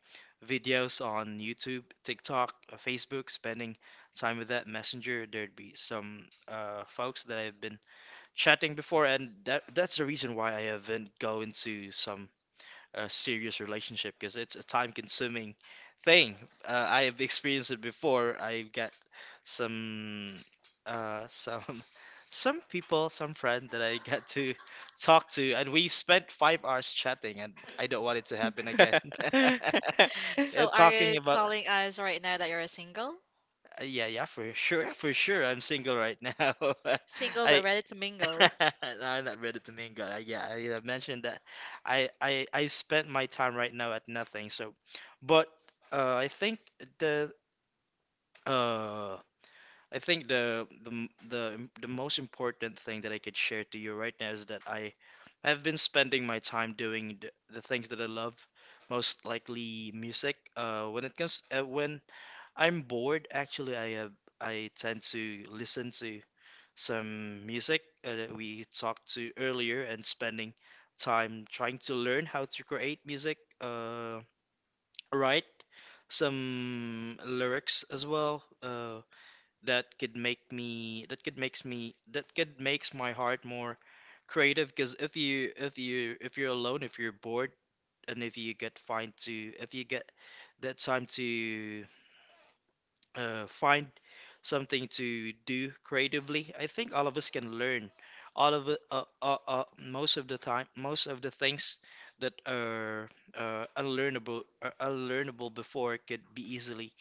[SPEAKER 1] videos on YouTube, TikTok, Facebook, spending time with that Messenger. There'd be some folks that I've been chatting before, and that's the reason why I haven't go into some a serious relationship because it's a time consuming thing. I have experienced it before. I've got some some some people, some friend that I got to talk to, and we spent 5 hours chatting, and I don't want it to happen again.
[SPEAKER 4] So are
[SPEAKER 1] Talking
[SPEAKER 4] you
[SPEAKER 1] about
[SPEAKER 4] telling us right now that you're single?
[SPEAKER 1] yeah, yeah, for sure, for sure. I'm single right now.
[SPEAKER 4] Single but
[SPEAKER 1] I
[SPEAKER 4] ready to
[SPEAKER 1] no,
[SPEAKER 4] mingle.
[SPEAKER 1] I'm not ready to mingle. I, yeah, I have mentioned that. I I spent my time right now at nothing. So, but uh, I think the uh I think the m- the im- the most important thing that I could share to you right now is that I've been spending my time doing the things that I love, most likely music. When it comes when I'm bored. Actually, I have I tend to listen to some music that we talked to earlier and spending time trying to learn how to create music, write some lyrics as well, that could make me that could makes me that could makes my heart more creative because if you're alone, if you're bored, and if you get find to if you get that time to find something to do creatively. I think all of us can learn. All of it, most of the time, most of the things that are unlearnable, are unlearnable before could be easily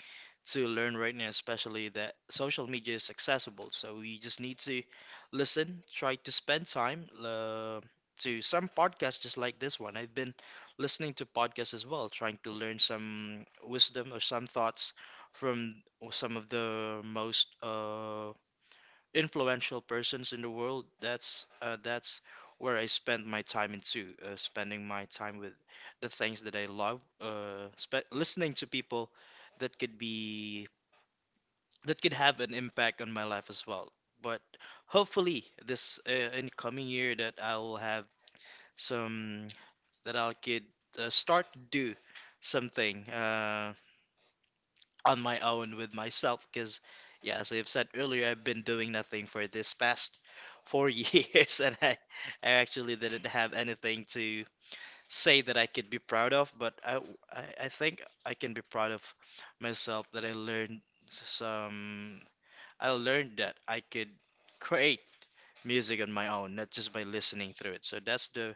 [SPEAKER 1] to learn right now, especially that social media is accessible. So we just need to listen, try to spend time to some podcasts just like this one. I've been listening to podcasts as well, trying to learn some wisdom or some thoughts from some of the most influential persons in the world. That's where I spend my time into, spending my time with the things that I love, spe listening to people that could be that could have an impact on my life as well. But hopefully, this incoming year that I will have some that I could start to do something. On my own with myself because, yeah, as I've said earlier, I've been doing nothing for this past four years, and I actually didn't have anything to say that I could be proud of. But I think I can be proud of myself that some, I learned that I could create music on my own, not just by listening through it. So that's the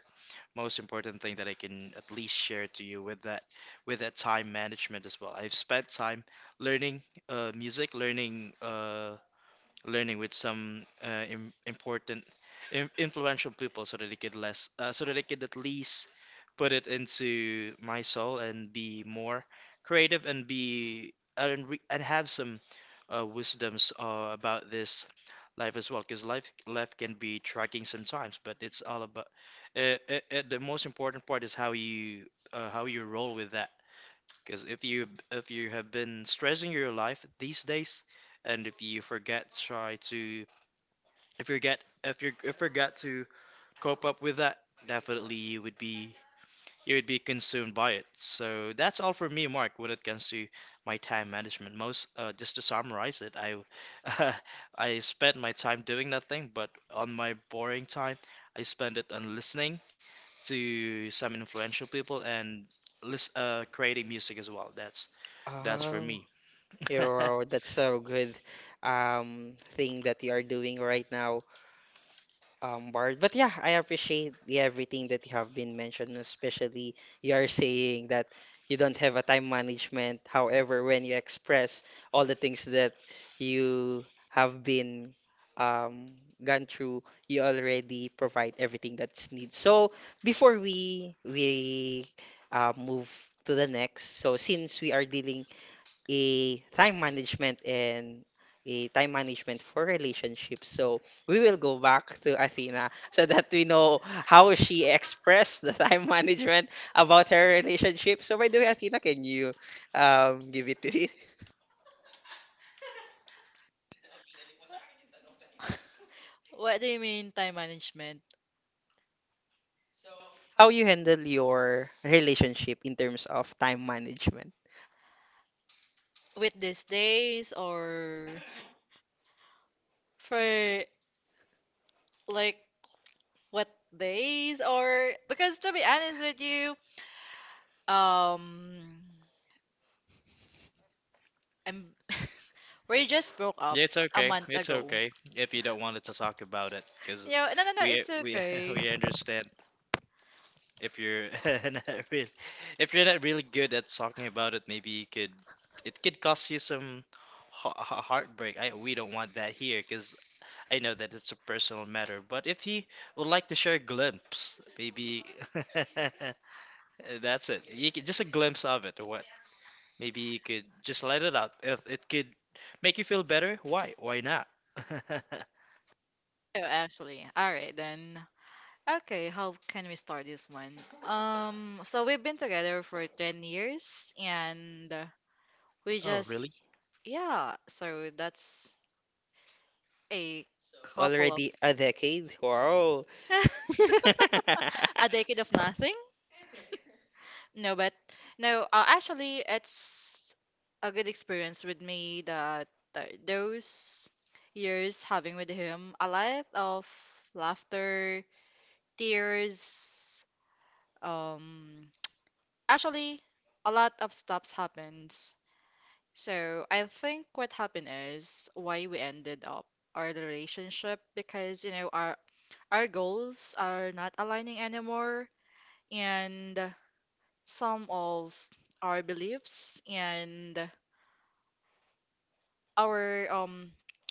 [SPEAKER 1] most important thing that I can at least share to you with that time management as well. I've spent time learning music, learning with some im important, im influential people so that so that I could at least put it into my soul and be more creative and be and re and have some wisdoms about this life as well. Because life can be tracking sometimes, but it's all about the most important part is how you roll with that because if you have been stressing your life these days, and if you forget try to if you get if you if forget to cope up with that, definitely you would be consumed by it. So that's all for me, Mark, when it comes to my time management. Most just to summarize it, I I spent my time doing nothing, but on my boring time, I spend it on listening to some influential people and lis creating music as well. That's for
[SPEAKER 3] Oh,
[SPEAKER 1] me.
[SPEAKER 3] you're, that's so good thing that you are doing right now, Bard. But yeah, I appreciate the everything that you have been mentioned, especially you are saying that you don't have a time management. However, when you express all the things that you have been gone through, you already provide everything that's needed. So before we move to the next, so since we are dealing a time management and a time management for relationships. So we will go back to Athena so that we know how she expressed the time management about her relationship. So by the way, Athena, can you give it to me?
[SPEAKER 4] What do you mean time management?
[SPEAKER 3] How you handle your relationship in terms of time management?
[SPEAKER 4] With these days or for like what days? Or because to be honest with you, um I'm we just broke up
[SPEAKER 1] It's
[SPEAKER 4] a
[SPEAKER 1] okay.
[SPEAKER 4] month
[SPEAKER 1] It's
[SPEAKER 4] ago.
[SPEAKER 1] okay if you don't want to talk about it, because
[SPEAKER 4] Yeah, no, no, no, it's
[SPEAKER 1] we
[SPEAKER 4] okay.
[SPEAKER 1] we understand if you're not really if you're not really good at talking about it, maybe you could it could cost you some heartbreak. I We don't want that here, because I know that it's a personal matter. But if you would like to share a glimpse, maybe that's it. You can, just a glimpse of it, or what? Maybe you could just let it out. If it could make you feel better, why? Why not?
[SPEAKER 4] Oh, actually. All right then. Okay, how can we start this one? So we've been together for 10 years, and we
[SPEAKER 1] Oh,
[SPEAKER 4] just
[SPEAKER 1] really?
[SPEAKER 4] yeah, so that's a couple of
[SPEAKER 3] Already a decade? Wow.
[SPEAKER 4] a decade of nothing. No, but no, actually, it's a good experience with me that those years having with him, a lot of laughter, tears, um, actually, a lot of stops happens. So I think what happened is why we ended up our relationship because you know our goals are not aligning anymore, and some of our beliefs and our um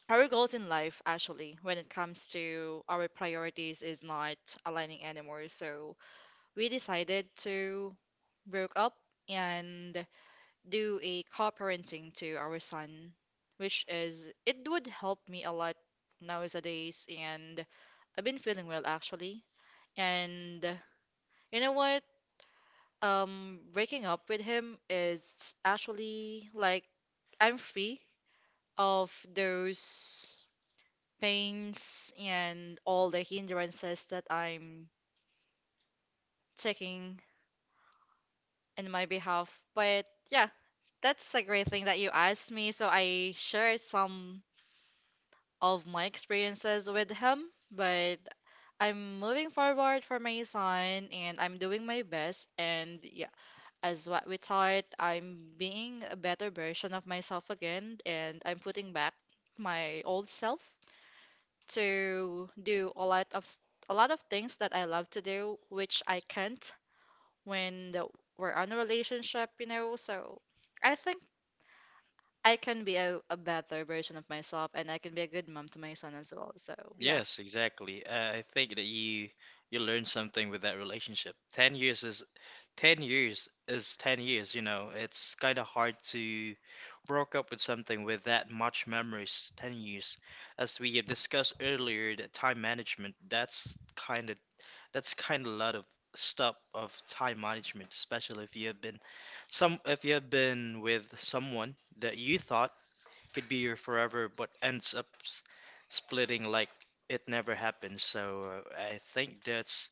[SPEAKER 4] our goals in life actually when it comes to our priorities is not aligning anymore. So we decided to broke up and do a co-parenting to our son, which is it would help me a lot nowadays. And I've been feeling well actually, and you know what, um, breaking up with him is actually like I'm free of those pains and all the hindrances that I'm taking in my behalf. But yeah, that's a great thing that you asked me. So I shared some of my experiences with him, but I'm moving forward for my son, and I'm doing my best, and yeah, as what we taught, I'm being a better version of myself again, and I'm putting back my old self to do a lot of things that I love to do, which I can't when we're on a relationship, you know. So I think I can be a better version of myself, and I can be a good mom to my son as well. So yeah.
[SPEAKER 1] Yes, exactly. I think that you learn something with that relationship. 10 years is 10 years, you know. It's kind of hard to broke up with something with that much memories, 10 years. As we have discussed earlier, that time management, that's kind of a lot of stuff of time management, especially if you have been some if you have been with someone that you thought could be your forever, but ends up splitting like it never happened. So I think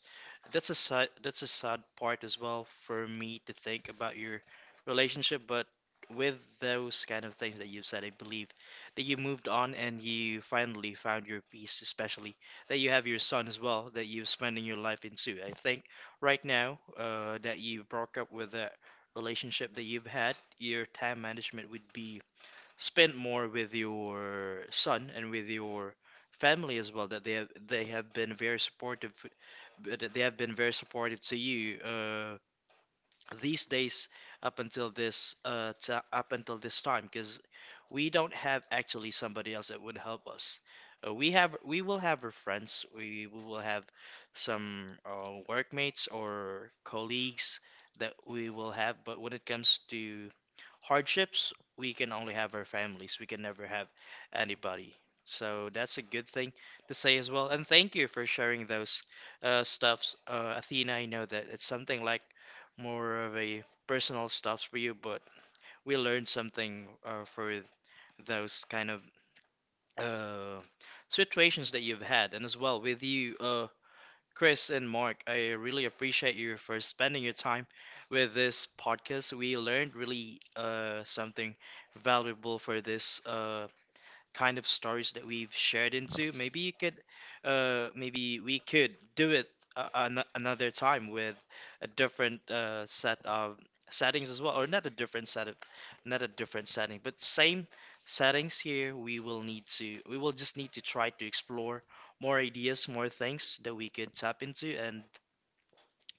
[SPEAKER 1] that's a sad part as well for me to think about your relationship. But with those kind of things that you've said, I believe that you moved on and you finally found your peace, especially that you have your son as well that you're spending your life into. I think right now that you broke up with that relationship that you've had, your time management would be spend more with your son and with your family as well that they have been very supportive to you these days up until this time because we don't have actually somebody else that would help us. We will have our friends, we will have some workmates or colleagues that we will have, but when it comes to hardships, we can only have our families. We can never have anybody. So that's a good thing to say as well. And thank you for sharing those stuffs, Athena. I know that it's something like more of a personal stuff for you, but we learned something for those kind of uh, situations that you've had. And as well with you, Chris and Mark, I really appreciate you for spending your time with this podcast. We learned really something valuable for this kind of stories that we've shared into. Maybe maybe we could do it an another time with a different set of settings as well, or not a different set of, not a different setting, but same settings here. We will just need to try to explore more ideas, more things that we could tap into and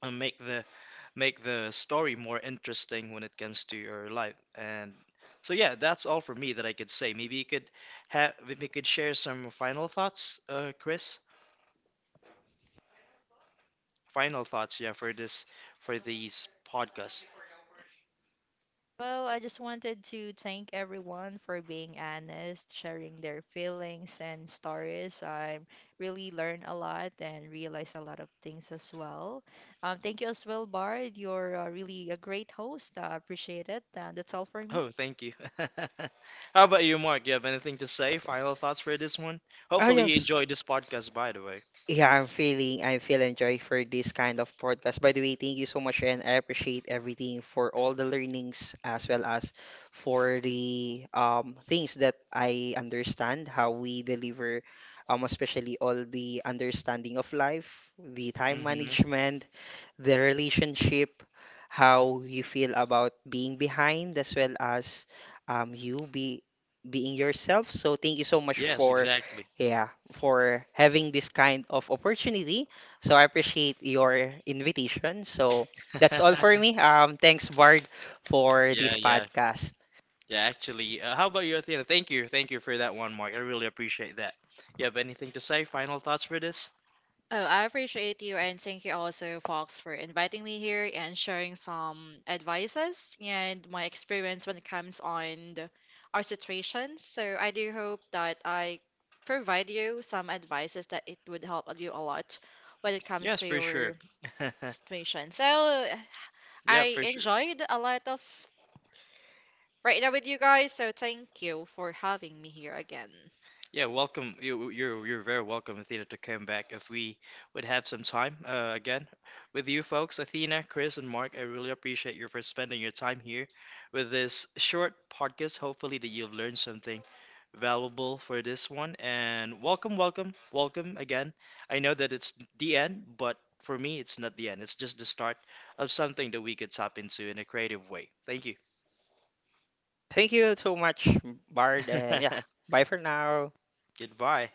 [SPEAKER 1] uh, make the make the story more interesting when it comes to your life. And so yeah, that's all for me that I could say. Maybe you could have we could share some final thoughts, Chris. Final thoughts, yeah, for this for these podcasts.
[SPEAKER 2] well, I just wanted to thank everyone for being honest, sharing their feelings and stories. I really learned a lot and realized a lot of things as well. Thank you as well, Bard. You're really a great host. I appreciate it. That's all for me.
[SPEAKER 1] Oh, thank you. How about you, Mark? You have anything to say? Final thoughts for this one?
[SPEAKER 3] Oh
[SPEAKER 1] Hopefully you
[SPEAKER 3] yes.
[SPEAKER 1] enjoyed this podcast, by the way.
[SPEAKER 3] Yeah, I'm feeling joy for this kind of podcast. By the way, thank you so much, and I appreciate everything for all the learnings, as well as for the things that I understand how we deliver, especially all the understanding of life, the time
[SPEAKER 1] Hmm.
[SPEAKER 3] management, the relationship, how you feel about being behind, as well as you be being yourself. So thank you so much
[SPEAKER 1] Yes,
[SPEAKER 3] for
[SPEAKER 1] exactly.
[SPEAKER 3] yeah for having this kind of opportunity. So I appreciate your invitation. So that's all for me. Thanks Bard for
[SPEAKER 1] Yeah,
[SPEAKER 3] this
[SPEAKER 1] yeah,
[SPEAKER 3] podcast.
[SPEAKER 1] yeah. Actually, how about you, Athena? Thank you for that one, Mark. I really appreciate that. You have anything to say? Final thoughts for this?
[SPEAKER 4] Oh, I appreciate you and thank you also, Fox, for inviting me here and sharing some advices and my experience when it comes on the, our situation. So I do hope that I provide you some advices that it would help you a lot when it comes
[SPEAKER 1] Yes,
[SPEAKER 4] to
[SPEAKER 1] for sure.
[SPEAKER 4] your situation. So
[SPEAKER 1] Yeah,
[SPEAKER 4] I
[SPEAKER 1] for sure.
[SPEAKER 4] enjoyed a lot of right now with you guys. So thank you for having me here again.
[SPEAKER 1] Yeah, welcome. You're very welcome, Athena, to come back if we would have some time again with you folks, Athena, Chris, and Mark. I really appreciate you for spending your time here with this short podcast. Hopefully that you've learned something valuable for this one. And welcome again. I know that it's the end, but for me, it's not the end. It's just the start of something that we could tap into in a creative way. Thank you.
[SPEAKER 3] Thank you so much, Bard, and yeah, bye for now.
[SPEAKER 1] Goodbye.